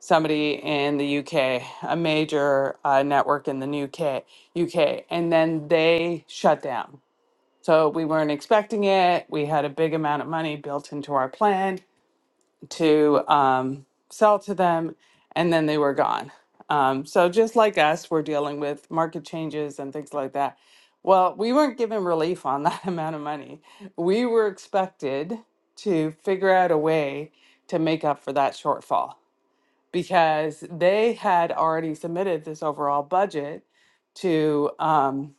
somebody in the UK, a major uh, network in the UK, UK, and then they shut down. So we weren't expecting it. We had a big amount of money built into our plan to um, sell to them, and then they were gone. Um, so just like us, we're dealing with market changes and things like that. Well, we weren't given relief on that [LAUGHS] amount of money. We were expected to figure out a way to make up for that shortfall because they had already submitted this overall budget to um,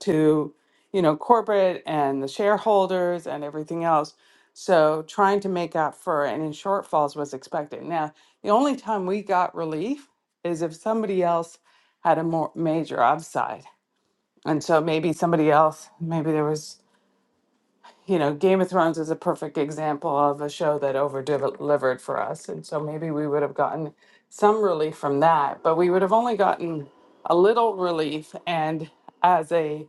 to you know corporate and the shareholders and everything else. So trying to make up for any shortfalls was expected. Now the only time we got relief is if somebody else had a more major upside, and so maybe somebody else, maybe there was you know, Game of Thrones is a perfect example of a show that over delivered for us. And so maybe we would have gotten some relief from that, but we would have only gotten a little relief. And as a,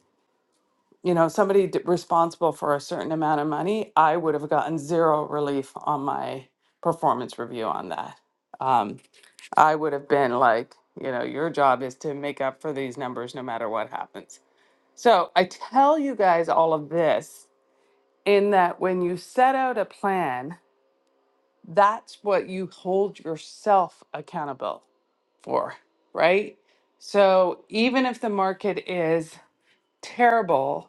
you know, somebody d- responsible for a certain amount of money, I would have gotten zero relief on my performance review on that. Um, I would have been like, you know, your job is to make up for these numbers no matter what happens. So I tell you guys all of this in that when you set out a plan, that's what you hold yourself accountable for, right? So even if the market is terrible,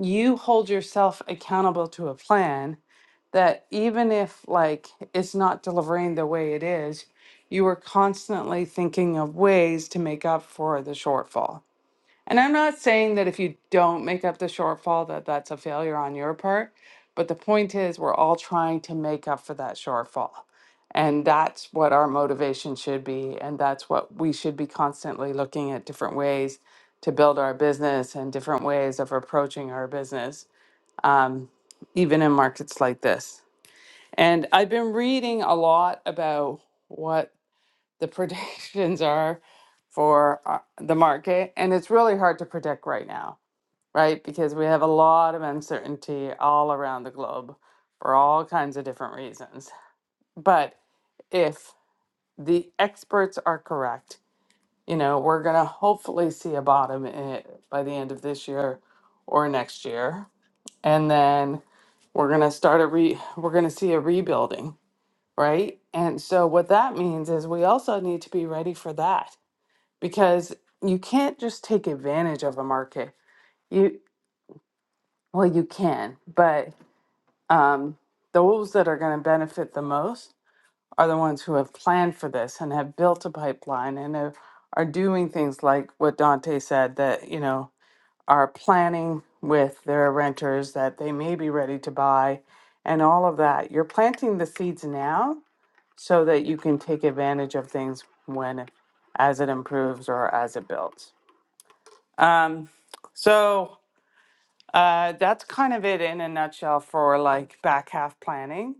you hold yourself accountable to a plan that even if like it's not delivering the way it is, you are constantly thinking of ways to make up for the shortfall and I'm not saying that if you don't make up the shortfall that that's a failure on your part, but the point is we're all trying to make up for that shortfall. And that's what our motivation should be and that's what we should be constantly looking at different ways to build our business and different ways of approaching our business um, even in markets like this. And I've been reading a lot about what the predictions [LAUGHS] are for uh, the market. And it's really hard to predict right now, right? Because we have a lot of uncertainty all around the globe for all kinds of different reasons. But if the experts are correct, you know, we're going to hopefully see a bottom in it by the end of this year or next year. And then we're going to start a re we're going to see a rebuilding, right? And so what that means is we also need to be ready for that because you can't just take advantage of a market. You well, you can, but um, those that are going to benefit the most are the ones who have planned for this and have built a pipeline and have, are doing things like what Dante said that you know are planning with their renters that they may be ready to buy and all of that. You're planting the seeds now so that you can take advantage of things when as it improves or as it builds. Um, so uh, that's kind of it in a nutshell for like back half planning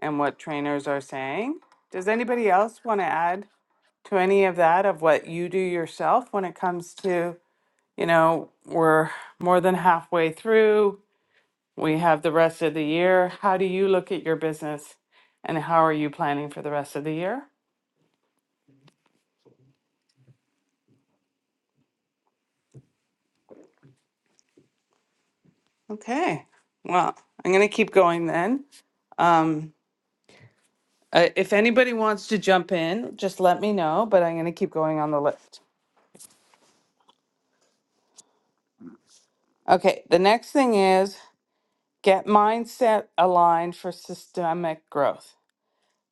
and what trainers are saying. Does anybody else want to add to any of that of what you do yourself when it comes to, you know, we're more than halfway through, we have the rest of the year. How do you look at your business and how are you planning for the rest of the year? Okay. Well, I'm going to keep going then. Um, Uh, if anybody wants to jump in, just let me know, but I'm going to keep going on the list. Okay, the next thing is get mindset aligned for systemic growth.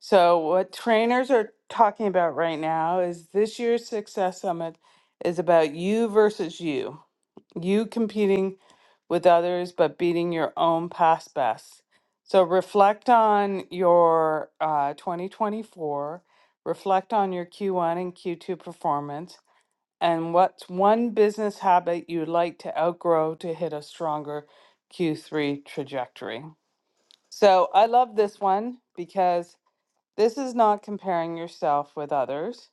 So, what trainers are talking about right now is this year's Success Summit is about you versus you, you competing with others, but beating your own past best. So, reflect on your uh, 2024, reflect on your Q1 and Q2 performance And what's one business habit you'd like to outgrow to hit a stronger Q3 trajectory? So I love this one because this is not comparing yourself with others.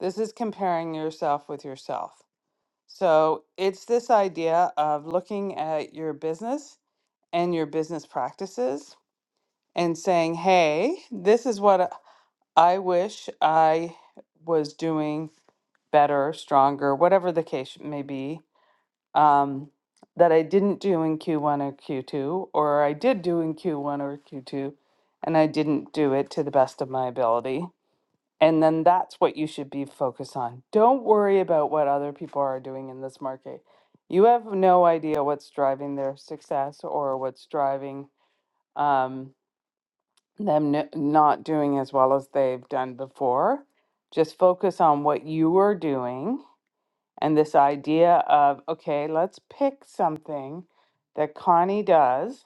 This is comparing yourself with yourself. So it's this idea of looking at your business and your business practices and saying, hey, this is what I wish I was doing better, stronger, whatever the case may be um, that I didn't do in Q1 or Q2, or I did do in Q1 or Q2, and I didn't do it to the best of my ability. And then that's what you should be focused on. Don't worry about what other people are doing in this market. You have no idea what's driving their success or what's driving um, them n- not doing as well as they've done before. Just focus on what you are doing and this idea of, okay, let's pick something that Connie does,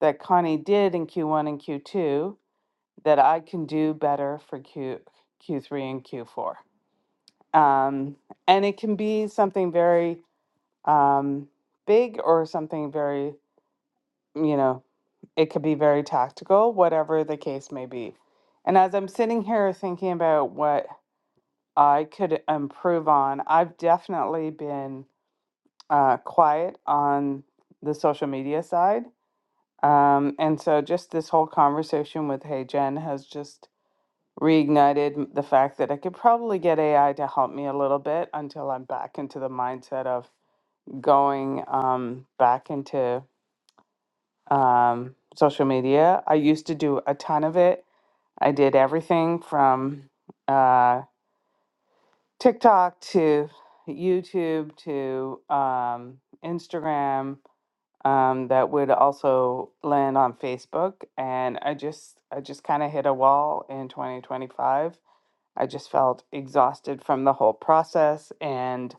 that Connie did in Q1 and Q2, that I can do better for Q, Q3 and Q4. Um, and it can be something very um, big or something very, you know, it could be very tactical, whatever the case may be. And as I'm sitting here thinking about what I could improve on, I've definitely been uh, quiet on the social media side. Um, and so just this whole conversation with Hey Jen has just reignited the fact that I could probably get AI to help me a little bit until I'm back into the mindset of going um, back into um, social media. I used to do a ton of it. I did everything from uh, TikTok to YouTube to um, Instagram um, that would also land on Facebook. And I just, I just kind of hit a wall in 2025. I just felt exhausted from the whole process and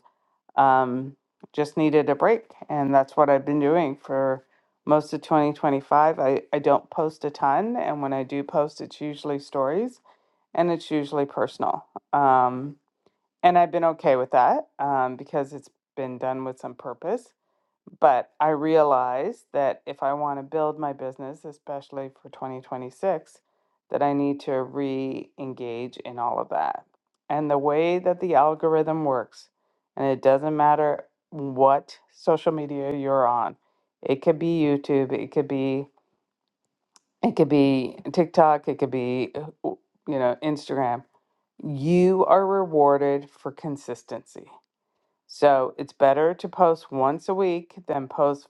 um, just needed a break. And that's what I've been doing for most of 2025. I, I don't post a ton. And when I do post, it's usually stories and it's usually personal. Um, and I've been okay with that um, because it's been done with some purpose but I realize that if I want to build my business, especially for 2026, that I need to re engage in all of that. And the way that the algorithm works, and it doesn't matter what social media you're on, it could be YouTube, it could be it could be TikTok, it could be uh, you know Instagram. You are rewarded for consistency. So it's better to post once a week than post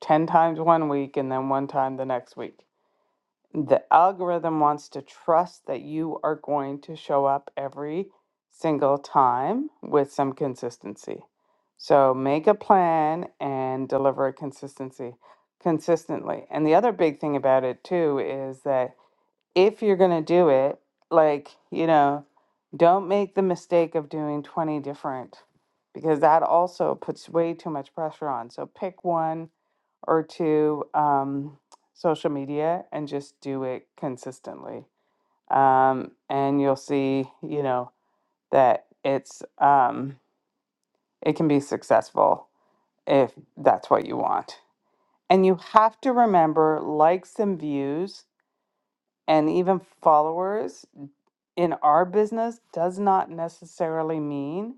10 times one week and then one time the next week. The algorithm wants to trust that you are going to show up every single time with some consistency. So make a plan and deliver it consistency consistently. And the other big thing about it too is that if you're going to do it, like, you know, don't make the mistake of doing 20 different because that also puts way too much pressure on. So pick one or two um, social media and just do it consistently. Um, and you'll see, you know, that it's, um, it can be successful if that's what you want. And you have to remember likes and views and even followers in our business does not necessarily mean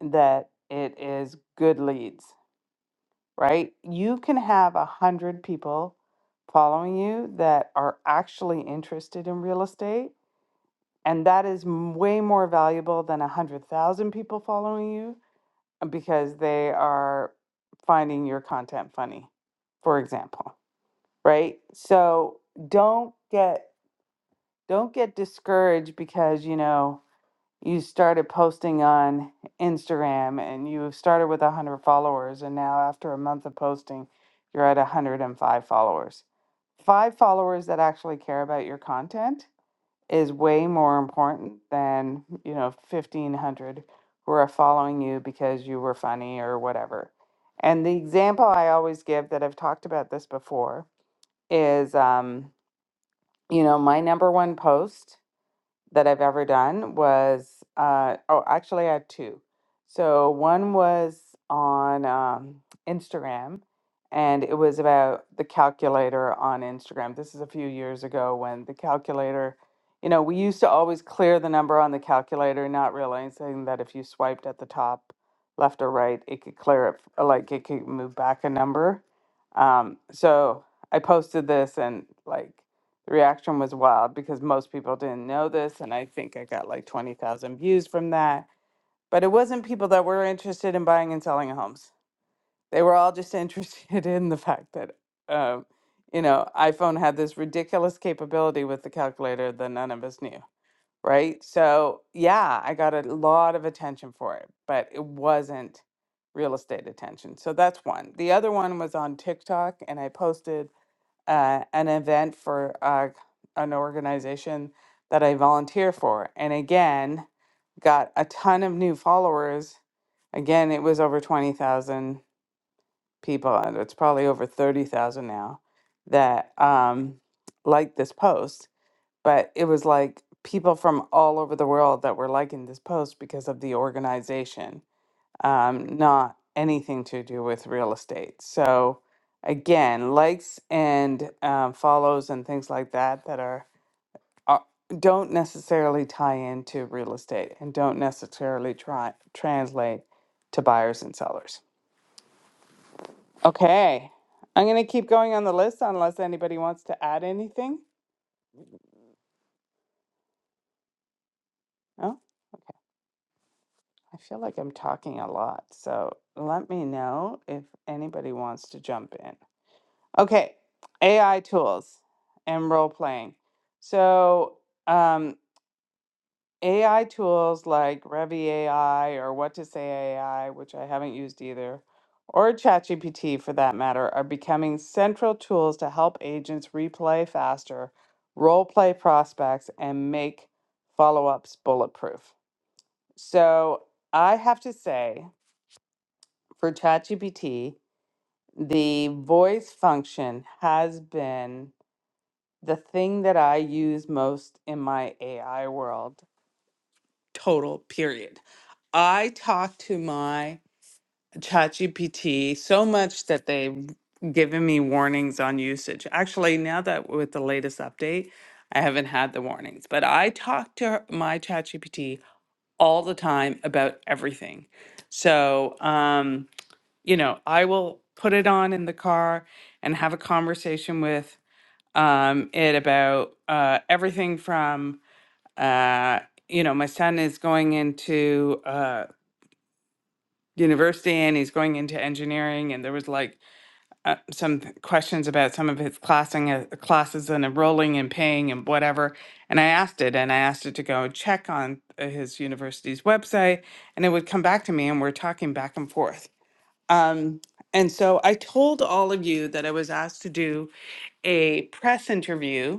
that it is good leads, right? You can have a hundred people following you that are actually interested in real estate, and that is m- way more valuable than a hundred thousand people following you uh, because they are finding your content funny, for example, right? So don't get don't get discouraged because you know you started posting on Instagram and you started with 100 followers and now after a month of posting you're at 105 followers. 5 followers that actually care about your content is way more important than, you know, 1500 who are following you because you were funny or whatever. And the example I always give that I've talked about this before is um, you know, my number one post that I've ever done was uh, oh, actually, I had two. So one was on um, Instagram, and it was about the calculator on Instagram. This is a few years ago when the calculator, you know, we used to always clear the number on the calculator, not realizing that if you swiped at the top left or right, it could clear it, f- like it could move back a number. Um, so I posted this, and like the reaction was wild because most people didn't know this, and I think I got like 20,000 views from that. But it wasn't people that were interested in buying and selling homes. They were all just interested [LAUGHS] in the fact that, um, you know, iPhone had this ridiculous capability with the calculator that none of us knew, right? So, yeah, I got a lot of attention for it, but it wasn't real estate attention. So that's one. The other one was on TikTok, and I posted uh, an event for uh, an organization that I volunteer for. And again, got a ton of new followers. Again, it was over 20,000 people, and it's probably over 30,000 now that um, liked this post. But it was like people from all over the world that were liking this post because of the organization um, not anything to do with real estate. So again, likes and um, follows and things like that that are, are don't necessarily tie into real estate and don't necessarily try translate to buyers and sellers. Okay, I'm gonna keep going on the list unless anybody wants to add anything. No. Okay. I feel like I'm talking a lot, so let me know if anybody wants to jump in. Okay, AI tools and role playing. So, um, AI tools like Revy AI or What to Say AI, which I haven't used either, or ChatGPT for that matter, are becoming central tools to help agents replay faster, role play prospects, and make follow ups bulletproof. So, I have to say for ChatGPT, the voice function has been the thing that I use most in my AI world, total period. I talk to my ChatGPT so much that they've given me warnings on usage. Actually, now that with the latest update, I haven't had the warnings, but I talk to my ChatGPT all the time about everything. So, um, you know, I will put it on in the car and have a conversation with um, it about uh, everything from uh, you know my son is going into uh, university and he's going into engineering and there was like uh, some th- questions about some of his classing, uh, classes and enrolling and paying and whatever and i asked it and i asked it to go check on uh, his university's website and it would come back to me and we're talking back and forth um, and so i told all of you that i was asked to do a press interview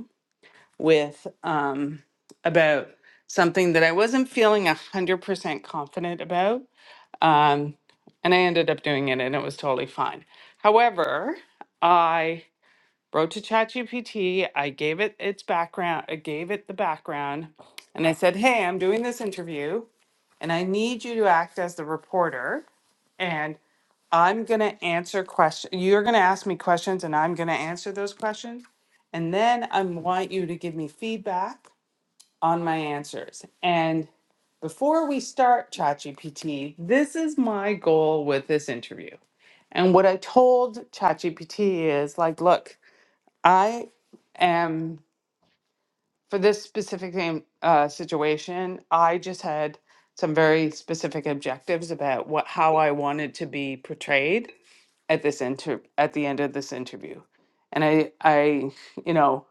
with um, about something that I wasn't feeling a hundred percent confident about, um, and I ended up doing it, and it was totally fine. However, I wrote to ChatGPT. I gave it its background. I gave it the background, and I said, "Hey, I'm doing this interview, and I need you to act as the reporter, and I'm gonna answer questions. You're gonna ask me questions, and I'm gonna answer those questions." And then I want you to give me feedback on my answers. And before we start ChatGPT, this is my goal with this interview. And what I told ChatGPT is like, look, I am for this specific thing, uh, situation. I just had some very specific objectives about what how I wanted to be portrayed at this inter at the end of this interview, and I I you know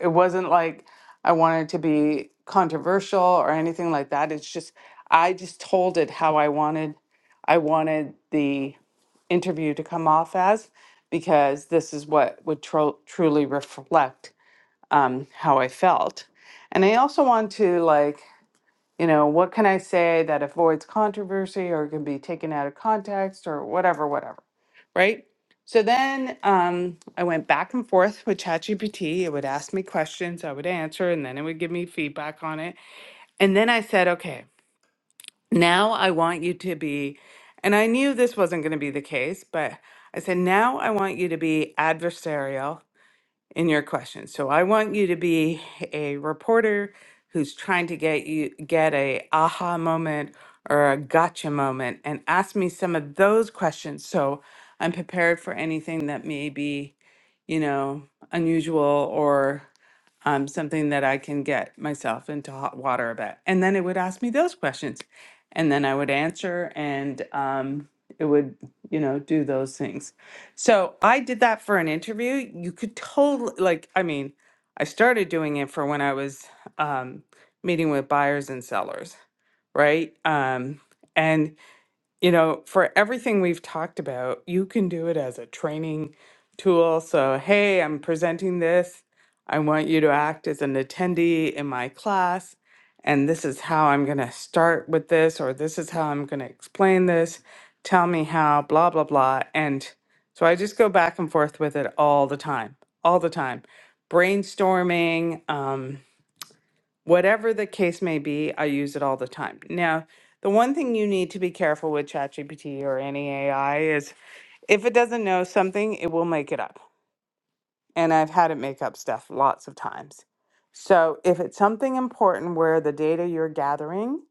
it wasn't like I wanted to be controversial or anything like that. It's just I just told it how I wanted I wanted the interview to come off as because this is what would tro- truly reflect um, how I felt. And I also want to like you know, what can I say that avoids controversy or can be taken out of context or whatever, whatever, right? So then um, I went back and forth with ChatGPT. It would ask me questions, I would answer, and then it would give me feedback on it. And then I said, okay, now I want you to be, and I knew this wasn't going to be the case, but I said, now I want you to be adversarial in your question. So I want you to be a reporter who's trying to get you get a aha moment or a gotcha moment and ask me some of those questions so I'm prepared for anything that may be, you know, unusual or um, something that I can get myself into hot water about. And then it would ask me those questions. And then I would answer and um, it would, you know, do those things. So I did that for an interview. You could totally like I mean, I started doing it for when I was um meeting with buyers and sellers, right? Um and you know, for everything we've talked about, you can do it as a training tool. So, hey, I'm presenting this. I want you to act as an attendee in my class. And this is how I'm going to start with this, or this is how I'm going to explain this. Tell me how, blah, blah, blah. And so I just go back and forth with it all the time, all the time. Brainstorming. Um, whatever the case may be, I use it all the time. Now, the one thing you need to be careful with ChatGPT or any AI is if it doesn't know something, it will make it up. And I've had it make up stuff lots of times. So if it's something important where the data you're gathering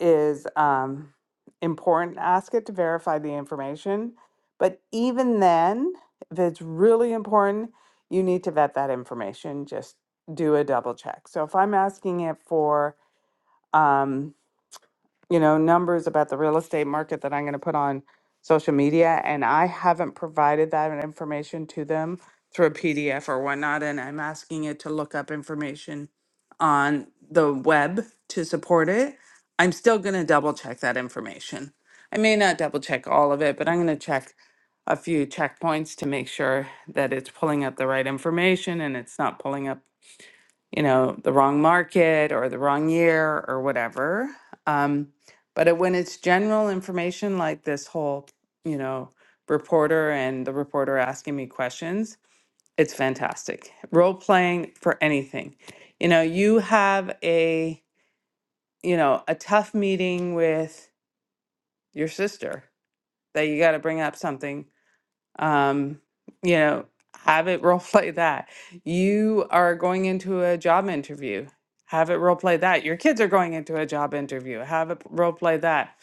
is um, important, ask it to verify the information. But even then, if it's really important, you need to vet that information. Just do a double check. So if I'm asking it for um, you know, numbers about the real estate market that I'm going to put on social media. And I haven't provided that information to them through a PDF or whatnot. And I'm asking it to look up information on the web to support it. I'm still going to double check that information. I may not double check all of it, but I'm going to check a few checkpoints to make sure that it's pulling up the right information and it's not pulling up you know, the wrong market or the wrong year or whatever. Um, but it, when it's general information like this whole, you know, reporter and the reporter asking me questions, it's fantastic. Role playing for anything. You know, you have a, you know, a tough meeting with your sister that you got to bring up something um, you know, have it [LAUGHS] role play that. You are going into a job interview, have it role play that. Your kids are going into a job interview, have it role play that.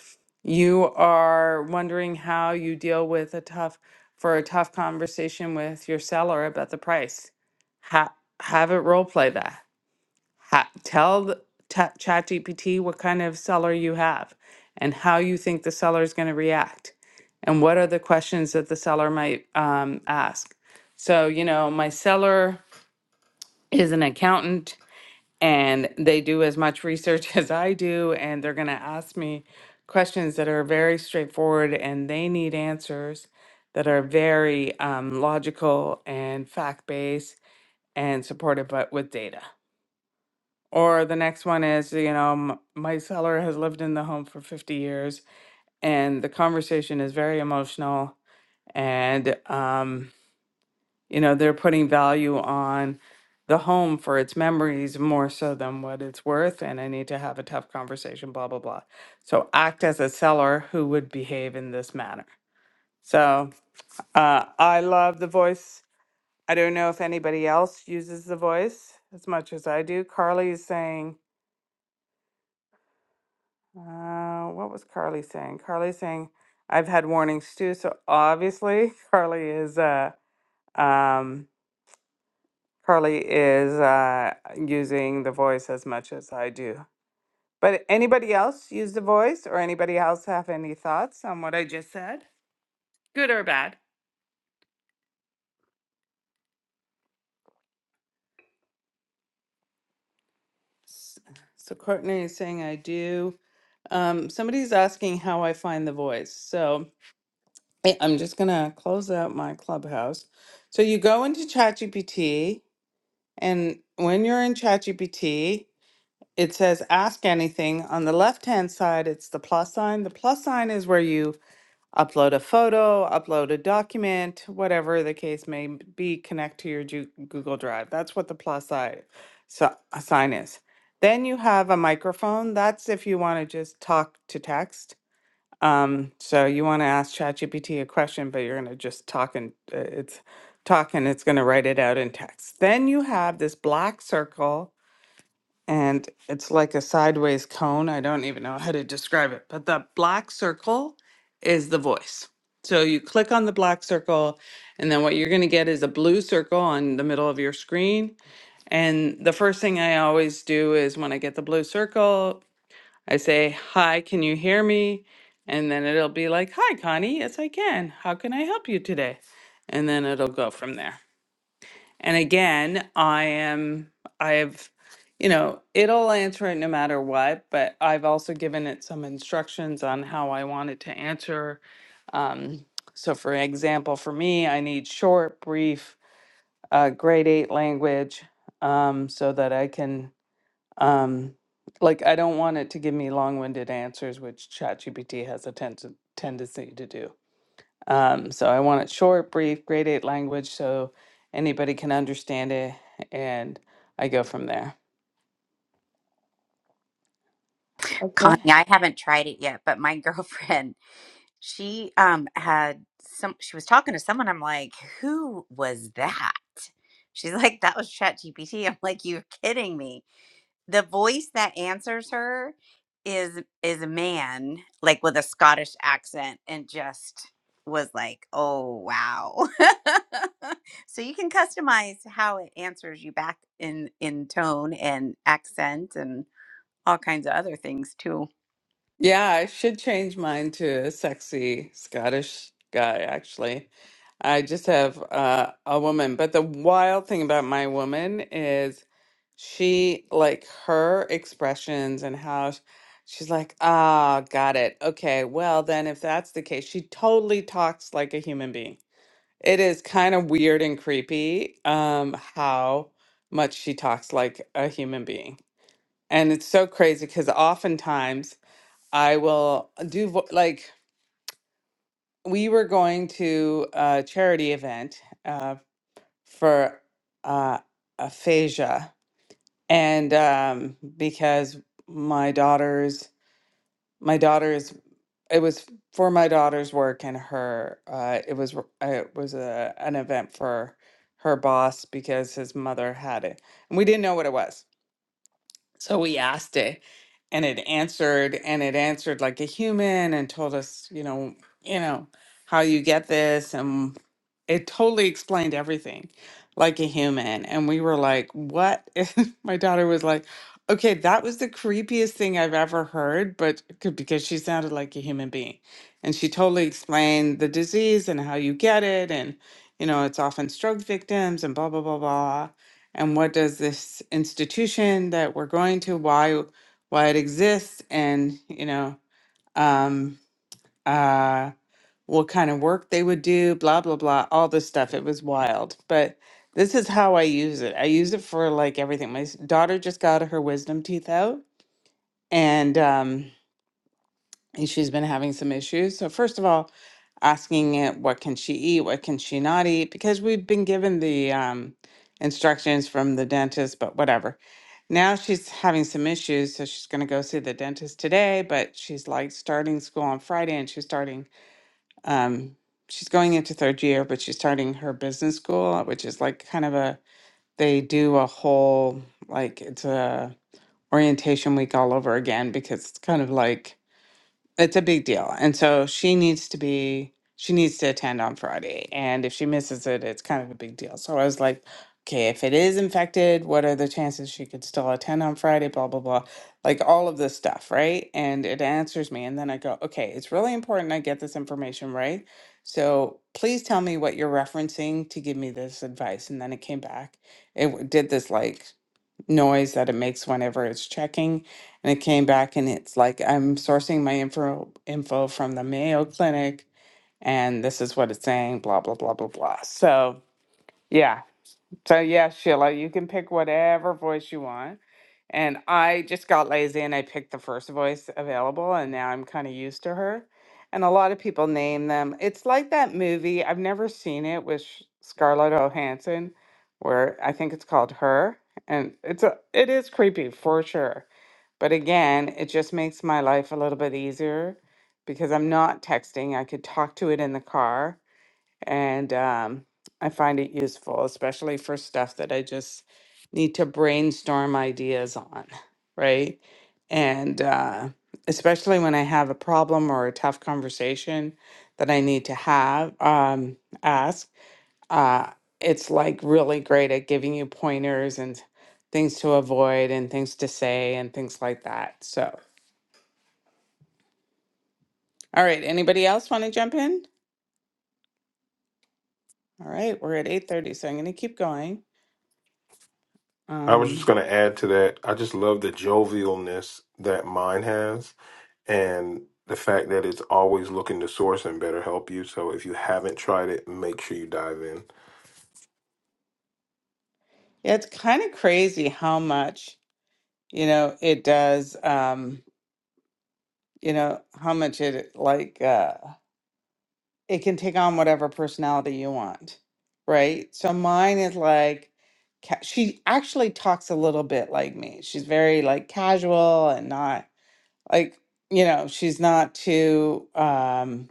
You are wondering how you deal with a tough for a tough conversation with your seller about the price. Ha- have it role play that ha- tell the t- ChatGPT what kind of seller you have and how you think the seller is going to react and what are the questions that the seller might um, ask. So, you know, my seller is an accountant and they do as much research [LAUGHS] as I do, and they're going to ask me questions that are very straightforward and they need answers that are very um, logical and fact based and supported but with data. Or the next one is, you know, m- my seller has lived in the home for 50 years and the conversation is very emotional. And, um, you know, they're putting value on the home for its memories more so than what it's worth. And I need to have a tough conversation, blah, blah, blah. So act as a seller who would behave in this manner. So uh, I love the voice. I don't know if anybody else uses the voice as much as I do. Carly is saying, Uh, what was Carly saying? Carly saying, I've had warnings too. So obviously, [LAUGHS] Carly is uh um Carly is uh using the voice as much as I do. But anybody else use the voice or anybody else have any thoughts on what I just said? Good or bad? S- So Courtney is saying I do. Um, somebody's asking how I find the voice. So I- I'm just gonna close out my clubhouse. So you go into ChatGPT And when you're in ChatGPT, it says ask anything. On the left hand side, it's the plus sign. The plus sign is where you upload a photo, upload a document, whatever the case may be, connect to your Ju- Google Drive. That's what the plus side, so, sign is. Then you have a microphone. That's if you want to just talk to text. Um, so you want to ask ChatGPT a question, but you're going to just talk and uh, it's talk and it's going to write it out in text. Then you have this black circle and it's like a sideways cone. I don't even know how to describe it, but the black circle is the voice. So you click on the black circle and then what you're going to get is a blue circle on the middle of your screen. And the first thing I always do is when I get the blue circle, I say, Hi, can you hear me? And then it'll be like, Hi, Connie. Yes, I can. How can I help you today? And then it'll go from there. And again, I am, I've, you know, it'll answer it no matter what, but I've also given it some instructions on how I want it to answer. Um, so, for example, for me, I need short, brief, uh, grade eight language um, so that I can um, like I don't want it to give me long-winded answers, which ChatGPT has a ten- tendency to do. Um, so I want it short, brief, grade eight language, so anybody can understand it, and I go from there. Okay. connie i haven't tried it yet but my [LAUGHS] girlfriend She um had some she was talking to someone. I'm like, who was that? She's like, that was ChatGPT. I'm like, you're kidding me. The voice that answers her is is a man, like with a Scottish accent, and just was like, oh wow. [LAUGHS] so you can customize how it answers you back in in tone and accent and all kinds of other things too. Yeah, I should change mine to a sexy Scottish guy, actually. I just have uh, a woman, but the wild thing about my woman is she like her expressions and how sh- she's like, ah, got it. Okay, well then if that's the case, she totally talks like a human being. It is kind of weird and creepy um how much she talks like a human being. And it's so crazy because oftentimes I will do vo- like we were going to a charity event uh, for uh, aphasia, and um, because my daughter's my daughter's it was for my daughter's work and her uh, it was r- uh, it was a, an event for her boss because his mother had it and we didn't know what it was so we asked it and it answered and it answered like a human and told us, you know, you know, how you get this and it totally explained everything like a human. And we were like, what? [LAUGHS] is-" My daughter was like, okay, that was the creepiest thing I've ever heard, but c- because she sounded like a human being. And she totally explained the disease and how you get it. And, you know, it's often stroke victims and blah, blah, blah, blah and what does this institution that we're going to why why it exists and you know um uh what kind of work they would do blah blah blah all this stuff it was wild but this is how i use it i use it for like everything my s- daughter just got her wisdom teeth out and um and she's been having some issues. So first of all, asking it what can she eat, what can she not eat, because we've been given the um, instructions from the dentist, but whatever. Now she's having some issues, so she's going to go see the dentist today. But she's like starting school on Friday, and she's starting. Um, she's going into third year, but she's starting her business school, which is like kind of a they do a whole like it's a orientation week all over again because it's kind of like it's a big deal. And so she needs to be, she needs to attend on Friday. And if she misses it, it's kind of a big deal. So I was like, okay, if it is infected, what are the chances she could still attend on Friday? Blah, blah, blah. Like all of this stuff, right? And it answers me. And then I go, okay, it's really important I get this information right. So please tell me what you're referencing to give me this advice. And then it came back. It w- did this like noise that it makes whenever it's checking and it came back and it's like, I'm sourcing my info info from the Mayo Clinic and this is what it's saying, blah, blah, blah, blah, blah. So yeah, so yeah, Sheila, you can pick whatever voice you want. And I just got lazy and I picked the first voice available and now I'm kind of used to her. And a lot of people name them. It's like that movie, I've never seen it with Sh- Scarlett Johansson where I think it's called Her and it's a, it is creepy for sure. But again, it just makes my life a little bit easier because I'm not texting. I could talk to it in the car and um, I find it useful, especially for stuff that I just need to brainstorm ideas on, right? And uh, especially when I have a problem or a tough conversation that I need to have, um, ask, uh, it's like really great at giving you pointers and things to avoid and things to say and things like that. So, all right, anybody else want to jump in? All right, we're at 8:30, so I'm going to keep going. I was just Um, going to add to that. I just love the jovialness that mine has and the fact that it's always looking to source and better help you. So if you haven't tried it, make sure you dive in. Yeah, it's kind of crazy how much, you know, it does, um, you know, how much it like uh it can take on whatever personality you want, right? So mine is like ca- she actually talks a little bit like me. She's very like casual and not like, you know, she's not too um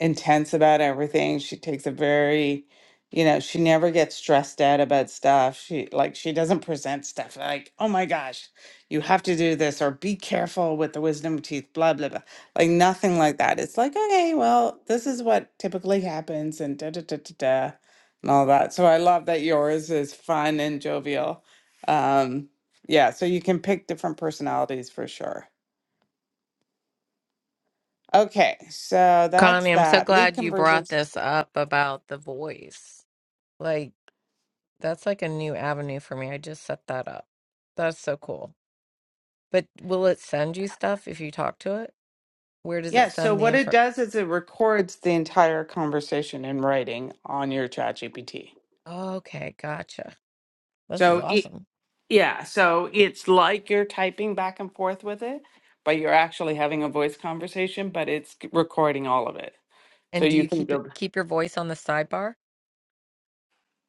intense about everything. She takes a very, you know, she never gets stressed out about stuff. She like she doesn't present stuff like, "Oh my gosh, you have to do this or be careful with the wisdom teeth, blah blah blah." Like nothing like that. It's like, "Okay, well, this is what typically happens and da da da da da." And all that. So I love that yours is fun and jovial. Um, yeah, so you can pick different personalities for sure. Okay, so that's Connie, I'm so that. Lead glad you brought conversions. this up about the voice. Like, that's like a new avenue for me. I just set that up. That's so cool. But will it send you stuff if you talk to it? Where does it Yeah, so send the what it info? does is it records the entire conversation in writing on your chat GPT. Oh, okay, gotcha. This is So it, awesome. yeah, so it's like you're typing back and forth with it, but you're actually having a voice conversation, but it's recording all of it. So And do you you can keep it go. keep your voice on the sidebar?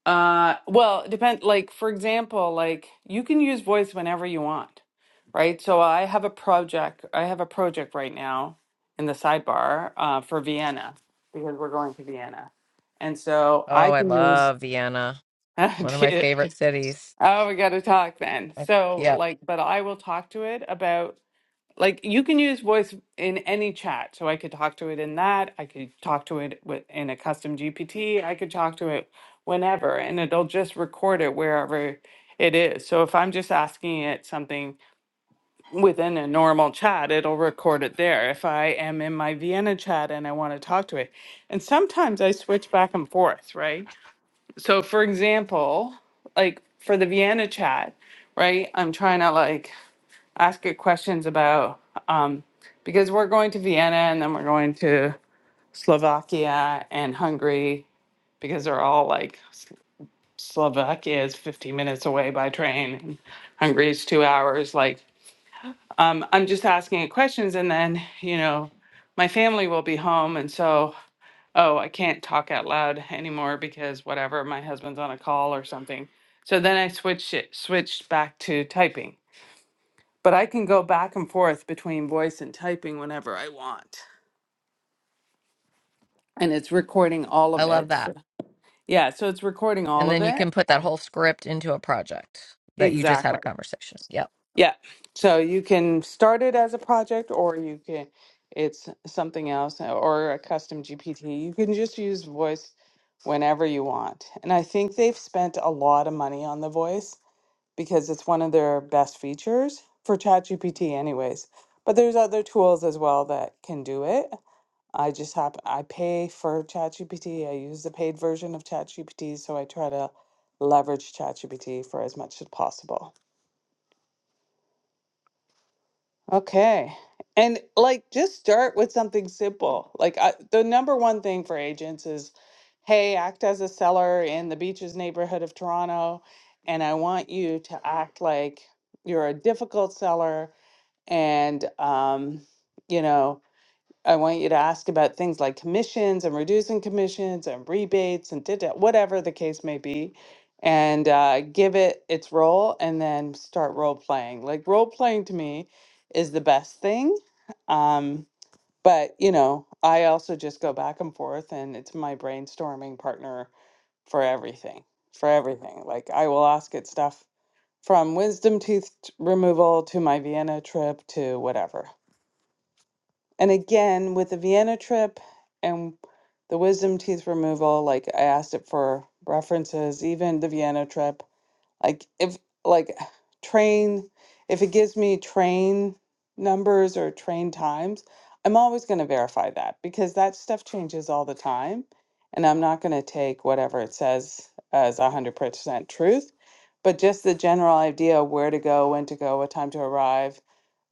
Uh, well, it depend like for example, like you can use voice whenever you want, right? So I have a project. I have a project right now in the sidebar uh, for Vienna because we're going to Vienna, and so Oh, I I can use. love Vienna. [LAUGHS] oh, One of my favorite cities. we got to talk then. I, So yeah, like, but I will talk to it about like you can use voice in any chat. So I could talk to it in that. I could talk to it with, in a custom GPT. I could talk to it whenever, and it'll just record it wherever it is. So if I'm just asking it something within a normal chat, it'll record it there. If I am in my Vienna chat and I want to talk to it, and sometimes I switch back and forth, right? So for example, like for the Vienna chat, right? I'm trying to like ask you questions about um, because we're going to Vienna and then we're going to Slovakia and Hungary because they're all like S- Slovakia is 15 minutes away by train and Hungary is two hours. Like, um, I'm just asking you questions and then, you know, my family will be home. And so, oh, I can't talk out loud anymore because whatever, my husband's on a call or something. So then I switched it, switched back to typing but I can go back and forth between voice and typing whenever I want. And it's recording all I of love it. that. So- Yeah, so it's recording And all of then you it. can put that Um, whole script into a project that you just had a Exactly. conversation. Yep. Yeah. So you can start it as a project or you can it's something else or a custom GPT. You can just use voice whenever you want. And I think they've spent a lot of money on the voice because it's one of their best features for ChatGPT anyways. But there's other tools as well that can do it I just hap I pay for ChatGPT. I use the paid version of ChatGPT, so I try to leverage ChatGPT for as much as possible. Okay. And like just start with something simple. Like I, the number one thing for agents is, hey, act as a seller in the beaches neighborhood of Toronto, and I want you to act like you're a difficult seller and um, you know, I want you to ask about things like commissions and reducing commissions and rebates and did whatever the case may be, and uh, give it its role and then start role playing. Like role playing to me is the best thing. Um, but you know, I also just go back and forth and it's my brainstorming partner for everything, for everything. Like I will ask it stuff from wisdom tooth t- removal to my Vienna trip to whatever. And again, with the Vienna trip and the wisdom teeth removal, like I asked it for references, even the Vienna trip. Like if like train, if it gives me train numbers or train times, I'm always going to verify that because that stuff changes all the time, and I'm not going to take whatever it says as 100% truth. But just the general idea of where to go, when to go, what time to arrive,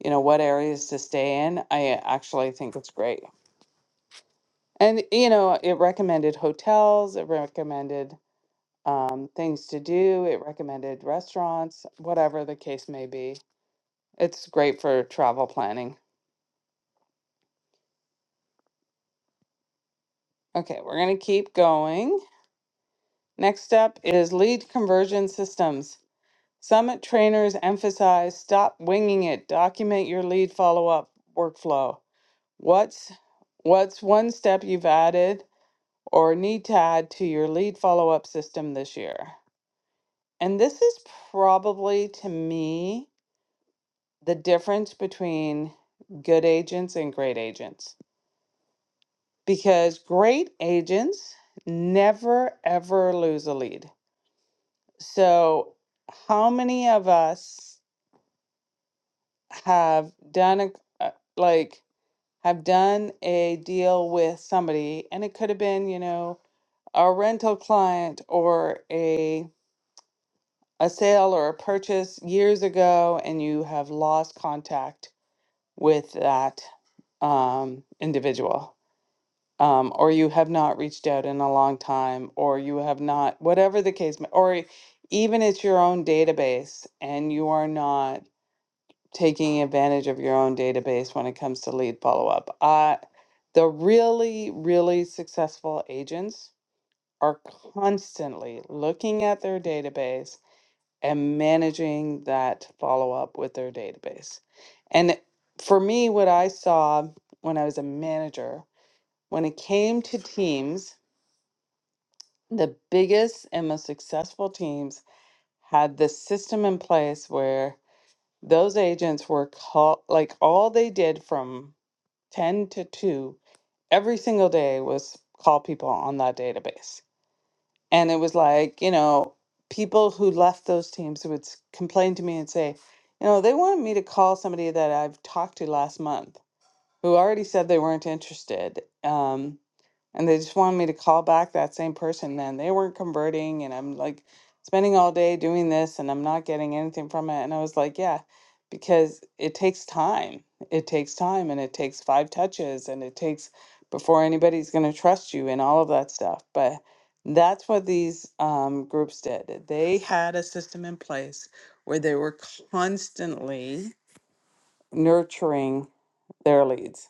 you know, what areas to stay in, I actually think it's great. And you know, it recommended hotels, it recommended um, things to do. It recommended restaurants, whatever the case may be. It's great for travel planning. Okay, we're going to keep going. Next up is lead conversion systems. Summit trainers emphasize stop winging it, document your lead follow up workflow. What's what's one step you've added or need to add to your lead follow up system this year? And this is probably to me the difference between good agents and great agents because great agents never ever lose a lead. So, how many of us have done a uh, like have done a deal with somebody and it could have been, you know, a rental client or a a sale or a purchase years ago and you have lost contact with that um individual um, or you have not reached out in a long time, or you have not, whatever the case, may- or even it's your own database and you are not taking advantage of your own database when it comes to lead follow up. Uh, the really, really successful agents are constantly looking at their database and managing that follow up with their database. And for me, what I saw when I was a manager, when it came to teams, the biggest and most successful teams had this system in place where those agents were call like all they did from 10 to 2 every single day was call people on that database and it was like you know people who left those teams would s- complain to me and say you know they wanted me to call somebody that i've talked to last month who already said they weren't interested Um, and they just wanted me to call back that same person then they weren't converting and i'm like spending all day doing this and i'm not getting anything from it and i was like yeah because it takes time it takes time and it takes five touches and it takes before anybody's going to trust you and all of that stuff but that's what these um, groups did they had a system in place where they were constantly nurturing their leads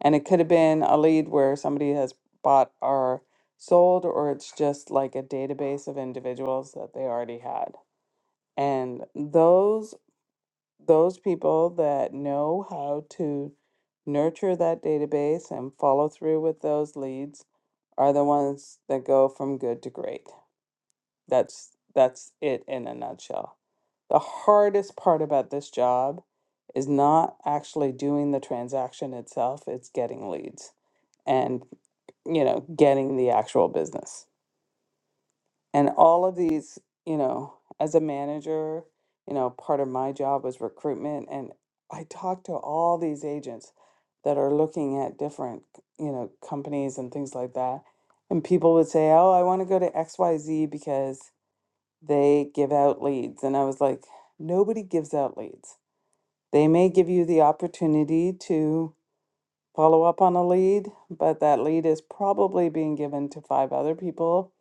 and it could have been a lead where somebody has bought or sold, or it's just like a database of individuals that they already had. And those those people that know how to nurture that database and follow through with those leads are the ones that go from good to great. That's that's it in a nutshell. The hardest part about this job is not actually doing the transaction itself, it's getting leads and you know getting the actual business and all of these you know as a manager you know part of my job was recruitment and i talked to all these agents that are looking at different you know companies and things like that and people would say oh i want to go to xyz because they give out leads and i was like nobody gives out leads they may give you the opportunity to." follow up on a lead, but that lead is probably being given to five other people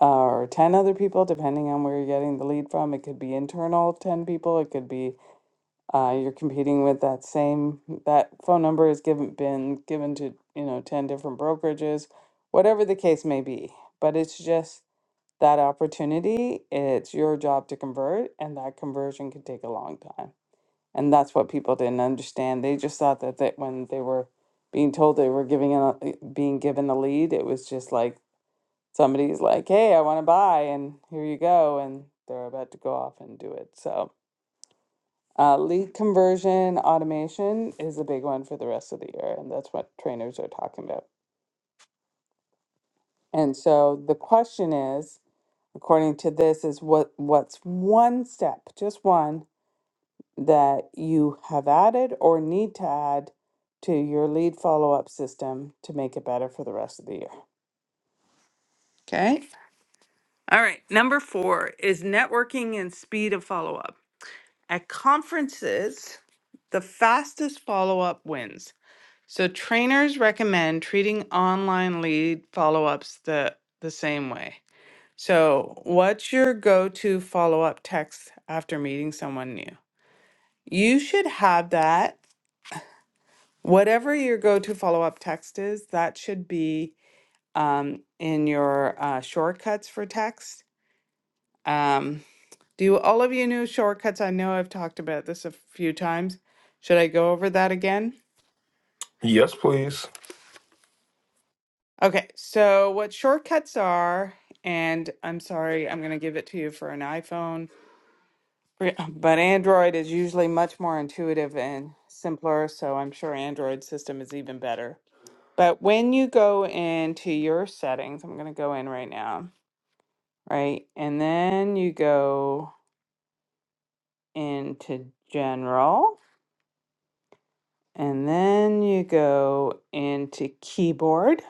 uh, or 10 other people, depending on where you're getting the lead from. It could be internal 10 people, it could be uh, you're competing with that same, that phone number has given, been given to, you know, 10 different brokerages, whatever the case may be. But it's just that opportunity. It's your job to convert, and that conversion can take a long time and that's what people didn't understand. They just thought that that when they were being told they were giving a, eh, being given the lead, it was just like somebody's like, "Hey, I want to buy," and here you go, and they're about to go off and do it. So, uh, lead conversion automation is a big one for the rest of the year, and that's what trainers are talking about. And so the question is, according to this, is what what's one step, just one that you have added or need to add to your lead follow up system to make it better for the rest of the year. Okay. All right. Number four is networking and speed of follow up. At conferences, the fastest follow up wins. So trainers recommend treating online lead follow ups the, the same way. So, what's your go to follow up text after meeting someone new? You should have that Whatever your go-to follow-up text is, that should be um, in your uh, shortcuts for text. Um, do all of you know shortcuts? I know I've talked about this a few times. Should I go over that again? Yes, please. Okay, so what shortcuts are, and I'm sorry, I'm going to give it to you for an iPhone, re- [LAUGHS] but Android is usually much more intuitive and simpler, so I'm sure Android system is even better. But when you go into your settings, I'm going to go in right now right? And then you go into general, and then you go into keyboard,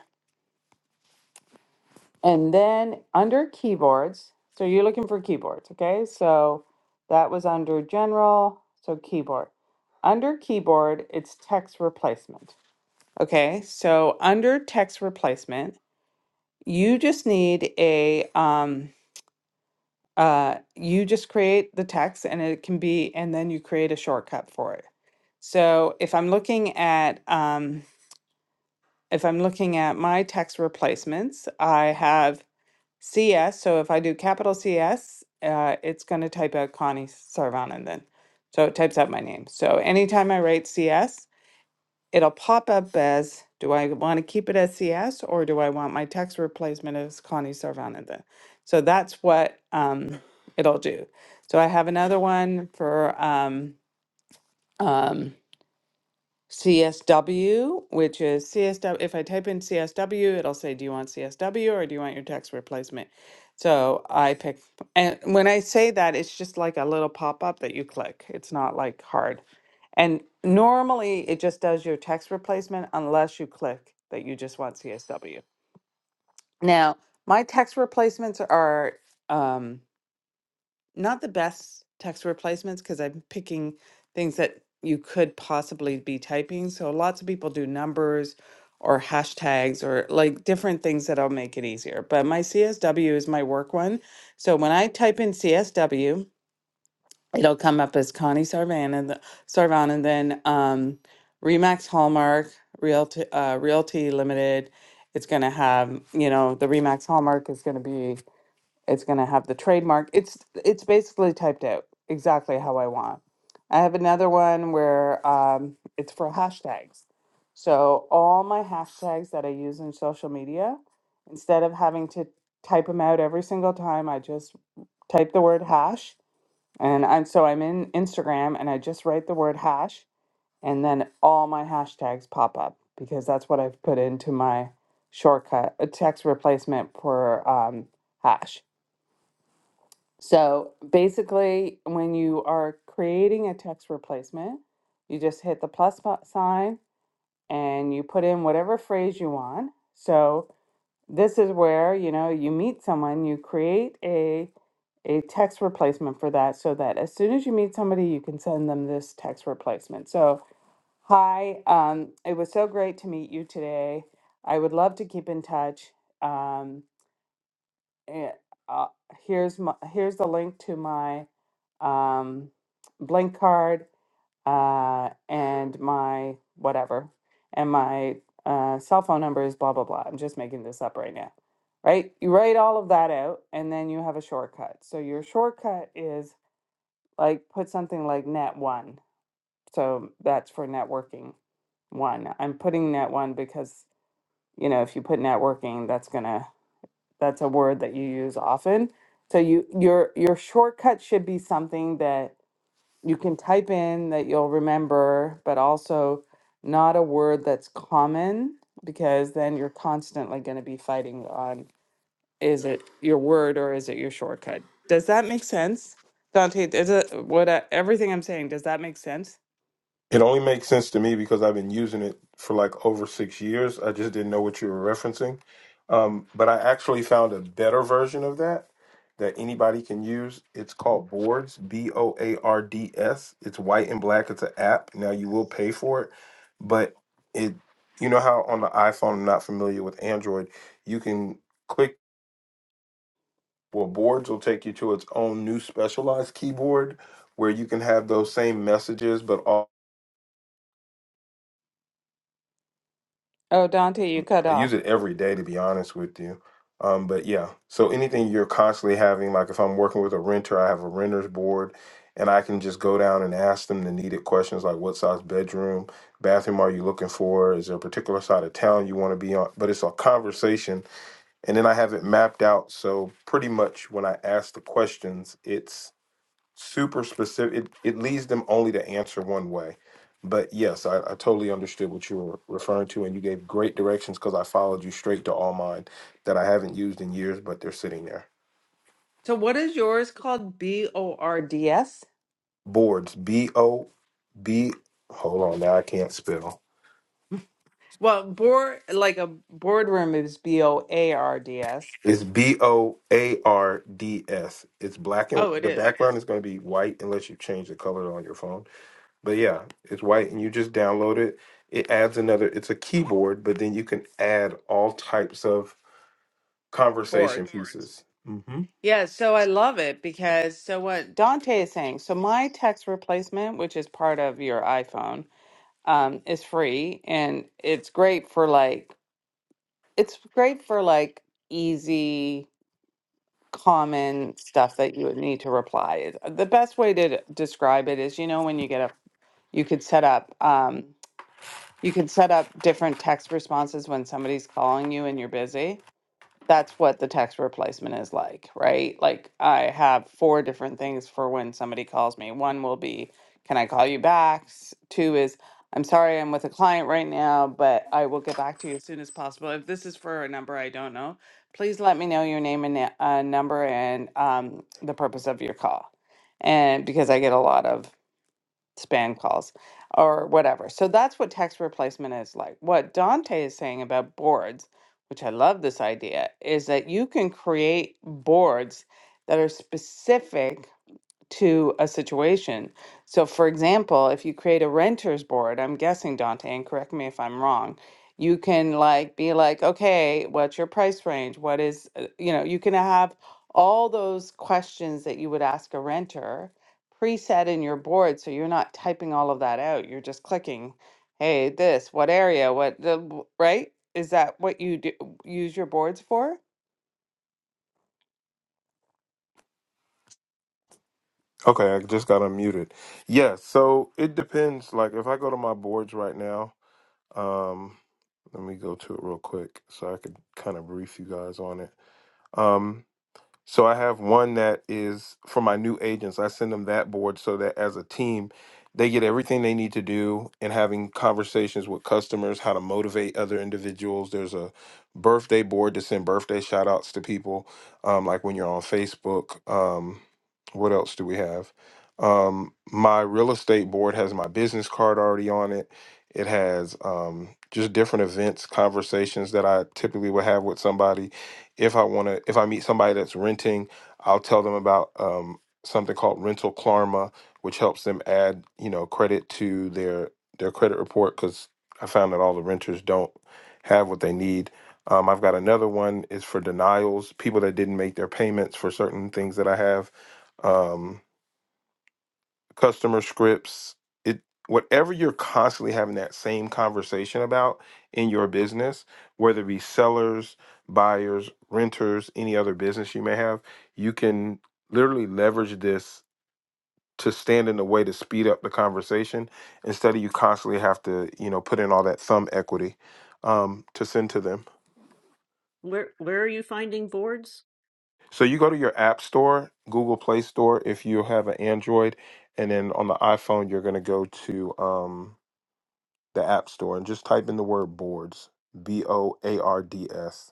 and then under keyboards. So you're looking for keyboards, okay? So that was under general, so keyboard. Under keyboard, it's text replacement. Okay, so under text replacement, you just need a um. uh, you just create the text and it can be, and then you create a shortcut for it. So if I'm looking at, um, if I'm looking at my text replacements, I have CS. So if I do capital CS, uh, it's going to type out Connie Sarvanan then. So it types out my name. So anytime I write CS, it'll pop up as do I want to keep it as CS or do I want my text replacement as Connie Sarvanathan? So that's what um, it'll do. So I have another one for um, um, CSW, which is CSW. If I type in CSW, it'll say, Do you want CSW or do you want your text replacement? So I pick, and when I say that, it's just like a little pop up that you click. It's not like hard. And normally it just does your text replacement unless you click that you just want CSW. Now, my text replacements are. Um, not the best text replacements because I'm picking things that you could possibly be typing. So lots of people do numbers or hashtags or like different things that'll make it easier. But my CSW is my work one. So when I type in CSW, it'll come up as Connie Sarvan and the, Sarvan and then um, Remax Hallmark Realty uh, Realty Limited. It's going to have, you know, the Remax Hallmark is going to be it's going to have the trademark. It's it's basically typed out exactly how I want. I have another one where um, it's for hashtags. So all my hashtags that I use in social media, instead of having to type them out every single time, I just type the word hash. And I'm, so I'm in Instagram and I just write the word hash and then all my hashtags pop up because that's what I've put into my shortcut, a text replacement for um, hash. So basically, when you are creating a text replacement, you just hit the plus bu- sign and you put in whatever phrase you want. So this is where, you know, you meet someone, you create a a text replacement for that so that as soon as you meet somebody, you can send them this text replacement. So, hi, um, it was so great to meet you today. I would love to keep in touch. Um, eh, uh, here's my here's the link to my um, blank card uh, and my whatever and my uh, cell phone number is blah blah blah. I'm just making this up right now, right? You write all of that out and then you have a shortcut. So your shortcut is like put something like net one. So that's for networking one. I'm putting net one because you know if you put networking, that's gonna that's a word that you use often so you your your shortcut should be something that you can type in that you'll remember but also not a word that's common because then you're constantly going to be fighting on is it your word or is it your shortcut does that make sense dante is it what I, everything i'm saying does that make sense It only makes sense to me because I've been using it for like over six years. I just didn't know what you were referencing. Um, but I actually found a better version of that that anybody can use. It's called Boards, B O A R D S. It's white and black. It's an app. Now you will pay for it, but it, you know how on the iPhone, I'm not familiar with Android, you can click, well, Boards will take you to its own new specialized keyboard where you can have those same messages, but all oh dante you cut I use off it every day to be honest with you. Um, but yeah, so anything you're constantly having, like if I'm working with a renter, I have a renter's board and I can just go down and ask them the needed questions like what size bedroom, bathroom are you looking for? Is there a particular side of town you want to be on? But it's a conversation. And then I have it mapped out. So pretty much when I ask the questions, it's super specific. It, it leads them only to answer one way. But yes, I, I totally understood what you were referring to, and you gave great directions because I followed you straight to all mine that I haven't used in years, but they're sitting there. so what is yours called b o r d s Boards, B O B. Hold on, now I can't spell. Well, board like a boardroom is B O A R D S. It's B O A R D S. It's black and Oh, it the is background is going to be white unless you change the color on your phone. But yeah, it's white, and you just download it. It adds another. It's a keyboard, but then you can add all types of conversation boards. pieces. hmm Yeah, so I love it because so what Dante is saying. So my text replacement, which is part of your iPhone, um, is free and it's great for like it's great for like easy, common stuff that you would need to reply. The best way to describe it is, you know, when you get a you could set up. um. You can set up different text responses when somebody's calling you and you're busy. That's what the text replacement is like, right? Like I have four different things for when somebody calls me. One will be, can I call you back? S- Two is, I'm sorry, I'm with a client right now, but I will get back to you as soon as possible. If this is for a number I don't know, please let me know your name and na- uh, number and um, the purpose of your call. And because I get a lot of span calls or whatever. So that's what text replacement is like. What Dante is saying about boards, which I love this idea, is that you can create boards that are specific to a situation. So, for example, if you create a renters board, I'm guessing Dante, and correct me if I'm wrong, you can like be like, okay, what's your price range? What is, uh, you know, you can have all those questions that you would ask a renter preset in your board. So you're not typing all of that out. You're just clicking, hey, this, what area, what the, w- right? Is that what you do, use your boards for? Okay, I just got unmuted. Yeah, so it depends. Like if I go to my boards right now, um, let me go to it real quick so I could kind of brief you guys on it. Um, So I have one that is for my new agents. I send them that board so that as a team, they get everything they need to do and having conversations with customers, how to motivate other individuals. There's a birthday board to send birthday shout outs to people, um, like when you're on Facebook. Um, what else do we have? Um, my real estate board has my business card already on it. It has um, just different events, conversations that I typically would have with somebody if I want to, if I meet somebody that's renting, I'll tell them about um, something called Rental Karma, which helps them add, you know, credit to their their credit report. Because I found that all the renters don't have what they need. Um, I've got another one is for denials, people that didn't make their payments for certain things that I have. Um, customer scripts it whatever you're constantly having that same conversation about in your business whether it be sellers buyers renters any other business you may have you can literally leverage this to stand in the way to speed up the conversation instead of you constantly have to you know put in all that thumb equity um, to send to them where where are you finding boards so you go to your app store google play store if you have an android and then on the iphone you're going to go to um, the App Store and just type in the word boards, B O A R D S,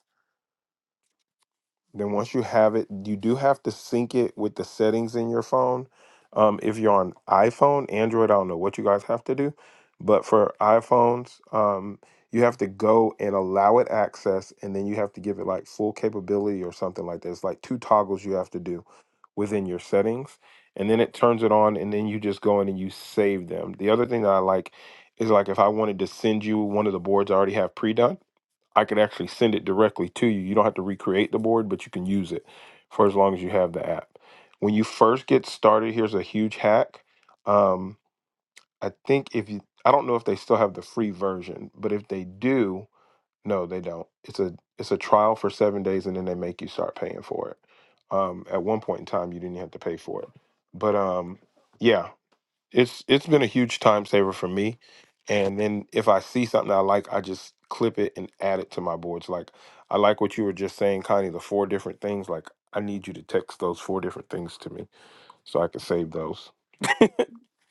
then once you have it, you do have to sync it with the settings in your phone. Um, if you're on iPhone, Android, I don't know what you guys have to do, but for iPhones, um, you have to go and allow it access, and then you have to give it like full capability or something like that. It's like two toggles you have to do within your settings, and then it turns it on, and then you just go in and you save them. The other thing that I like is like if I wanted to send you one of the boards I already have pre-done. I could actually send it directly to you. You don't have to recreate the board, but you can use it for as long as you have the app. When you first get started, here's a huge hack. Um, I think if you, I don't know if they still have the free version, but if they do, no, they don't. It's a it's a trial for seven days, and then they make you start paying for it. Um, at one point in time, you didn't have to pay for it, but um, yeah it's it's been a huge time saver for me. And then if I see something I like, I just clip it and add it to my boards. Like I like what you were just saying, Connie, the four different things. Like I need you to text those four different things to me so I can save those.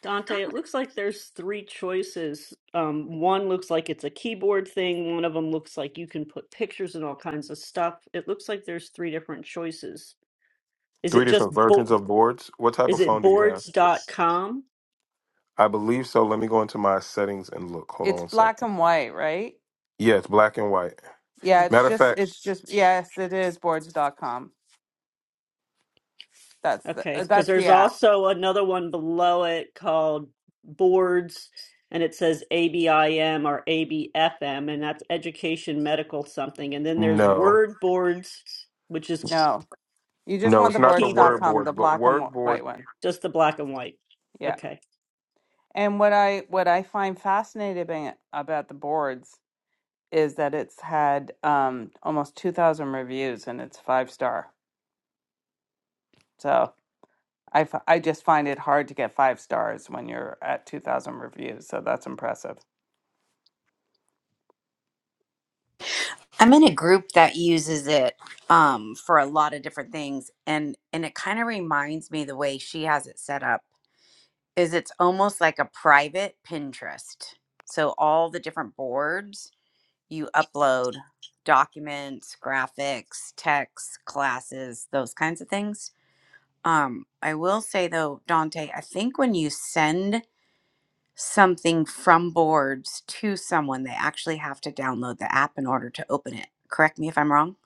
Dante, it looks like there's three choices. Um, one looks like it's a keyboard thing. One of them looks like you can put pictures and all kinds of stuff. It looks like there's three different choices. Is Three it just different versions bo- of boards. What type is of it phone do you have? boards dot com? I believe so. Let me go into my settings and look. Hold on It's one black second. and white, right? Yeah, it's black and white. Yeah, it's Okay. Matter of just fact, it's just yes, it is boards dot com. That's the Okay, uh, because that's the there's app. also another one below it called boards and it says ABIM or ABFM and that's education medical something. And then there's no. word boards, which is No. You just No, want it's the not the boards dot word keyboard, com, the board, but black and wh- WordBoard white one. just the black and white. Yeah. Okay. And what I what I find fascinating about about the boards is that it's had um almost 2000 reviews and it's five star. So I, f- I just find it hard to get five stars when you're at 2,000 reviews. So that's impressive. I'm in a group that uses it um, for a lot of different things, and and it kind of reminds me the way she has it set up is it's almost like a private Pinterest. So all the different boards you upload documents, graphics, texts, classes, those kinds of things. Um, I will say though, Dante, I think when you send something from boards to someone, they actually have to download the app in order to open it. Correct me if I'm wrong.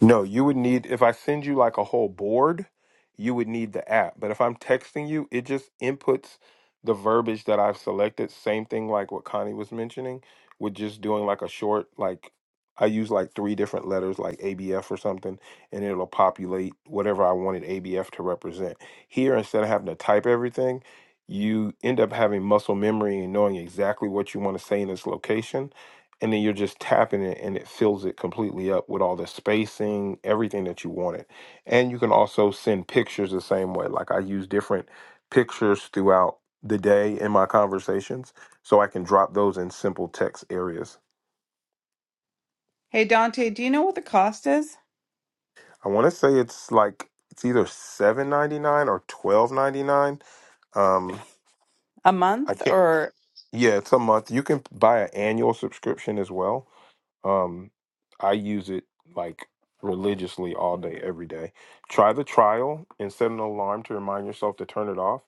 No, you would need if I send you like a whole board, you would need the app. But if I'm texting you, it just inputs the verbiage that I've selected. Same thing like what Connie was mentioning with just doing like a short like I use like three different letters like ABF or something and it'll populate whatever I wanted ABF to represent. Here instead of having to type everything, you end up having muscle memory and knowing exactly what you want to say in this location and then you're just tapping it and it fills it completely up with all the spacing everything that you wanted and you can also send pictures the same way like i use different pictures throughout the day in my conversations so i can drop those in simple text areas Hey, Dante, do you know what the cost is? i want to say it's like it's either 7.99 or 12.99 um A i month can't or yeah it's a month you can buy an annual subscription as well Um, I use it like religiously all day, every day. Try the trial and set an alarm to remind yourself to turn it off,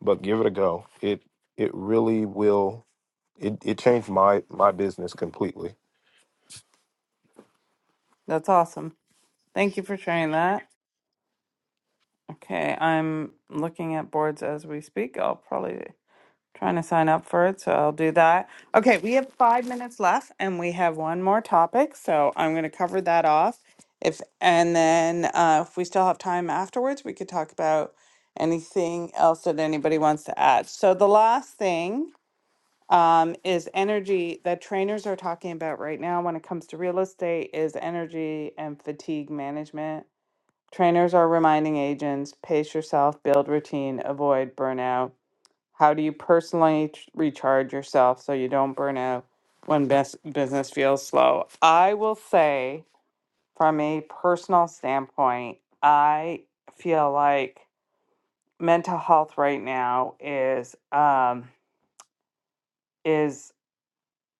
but give it a go. It it really will. It it changed my my business completely. that's awesome. Thank you for sharing that. Okay, I'm looking at boards as we speak. I'll probably trying to sign up for it, so I'll do that. Okay, we have five minutes left, and we have one more topic, so I'm going to cover that off. If and then uh, if we still have time afterwards, we could talk about anything else that anybody wants to add. So the last thing um, is energy that trainers are talking about right now when it comes to real estate is energy and fatigue management. Trainers are reminding agents, pace yourself, build routine, avoid burnout how do you personally ch- recharge yourself so you don't burn out when bus- business feels slow? I will say, from a personal standpoint, I feel like mental health right now is um, is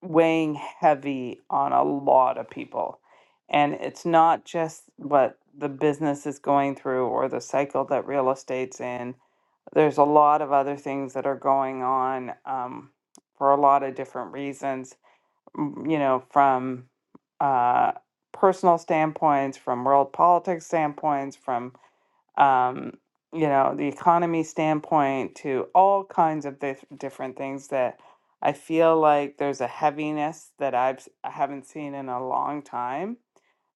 weighing heavy on a lot of people, and it's not just what the business is going through or the cycle that real estate's in There's a lot of other things that are going on um, for a lot of different reasons, m- you know, from uh, personal standpoints, from world politics standpoints, from, um, you know, the economy standpoint to all kinds of th- different things that I feel like there's a heaviness that I've, s- I haven't seen in a long time.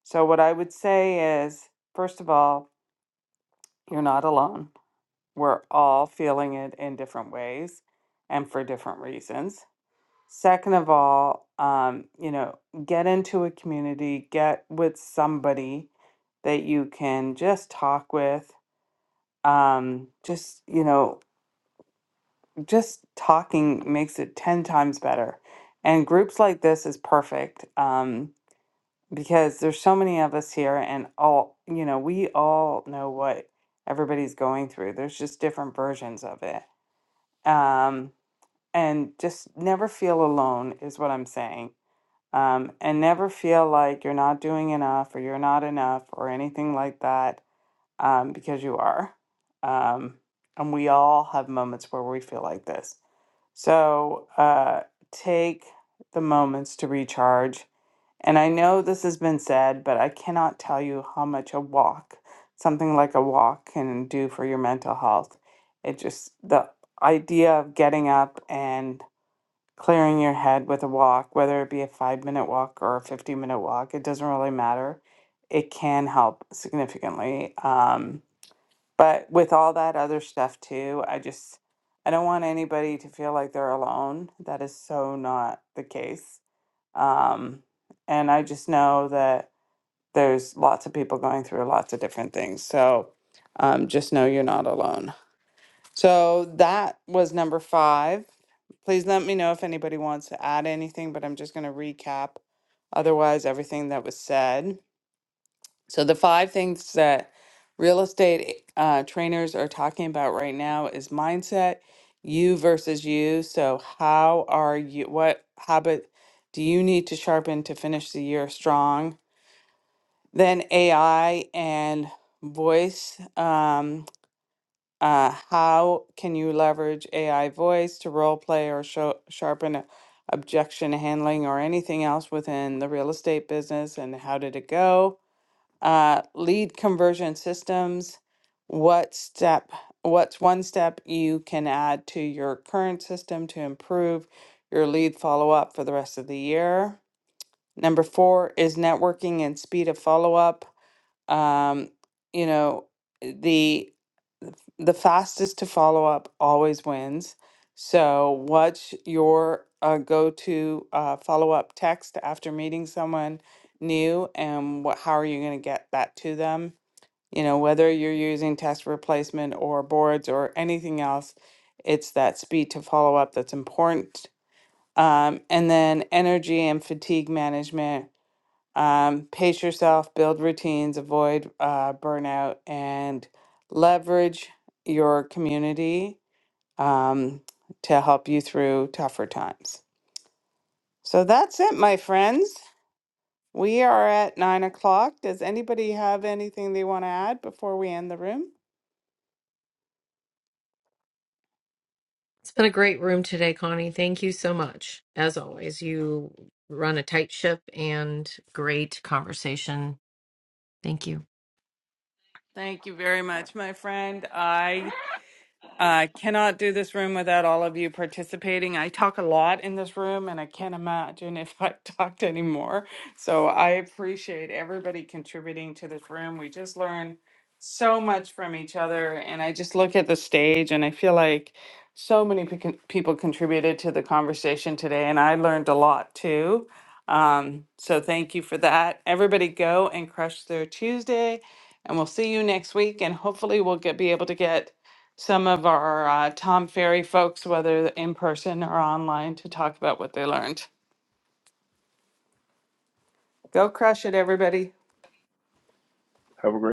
So, what I would say is, first of all, you're not alone we're all feeling it in different ways and for different reasons. Second of all, um, you know, get into a community, get with somebody that you can just talk with. Um, just, you know, just talking makes it 10 times better. And groups like this is perfect um, because there's so many of us here and all, you know, we all know what everybody's going through. There's just different versions of it. Um, and just never feel alone is what I'm saying. Um, and never feel like you're not doing enough or you're not enough or anything like that um, because you are. Um, and we all have moments where we feel like this. So uh, take the moments to recharge. And I know this has been said, but I cannot tell you how much a walk, something like a walk, can do for your mental health. It just, the idea of getting up and clearing your head with a walk, whether it be a five minute walk or a 50 minute walk, it doesn't really matter. It can help significantly. Um, but with all that other stuff too, I just, I don't want anybody to feel like they're alone. That is so not the case. Um, and I just know that there's lots of people going through lots of different things. So um, just know you're not alone. So that was number five. Please let me know if anybody wants to add anything, but I'm just going to recap otherwise everything that was said. So the five things that real estate uh, trainers are talking about right now is mindset, you versus you. So how are you? What habit do you need to sharpen to finish the year strong? Then AI and voice. Um, uh, how can you leverage AI voice to role play or show, sharpen a- objection handling or anything else within the real estate business? And how did it go? Uh, lead conversion systems. What step? What's one step you can add to your current system to improve your lead follow up for the rest of the year? Number four is networking and speed of follow up um, you know, the the fastest to follow up always wins. So, what's your uh, go to uh, follow up text after meeting someone new, and what, how are you going to get that to them? You know, whether you're using test replacement or boards or anything else, it's that speed to follow up that's important. Um, and then energy and fatigue management um, pace yourself, build routines, avoid uh, burnout, and leverage your community um, to help you through tougher times. So that's it, my friends. We are at nine o'clock. Does anybody have anything they want to add before we end the room? It's been a great room today, Connie. Thank you so much. As always, you run a tight ship and great conversation. Thank you. Thank you very much, my friend. I I cannot do this room without all of you participating. I talk a lot in this room, and I can't imagine if I [LAUGHS] talked anymore. So I appreciate everybody contributing to this room. We just learn so much from each other, and I just look at the stage, and I feel like so many pe- con- people contributed to the conversation today, and I learned a lot too. Um, so thank you for that. Everybody, go and crush their Tuesday, and we'll see you next week. And hopefully, we'll get be able to get some of our uh, Tom Ferry folks, whether in person or online, to talk about what they learned. Go crush it, everybody. Have a great.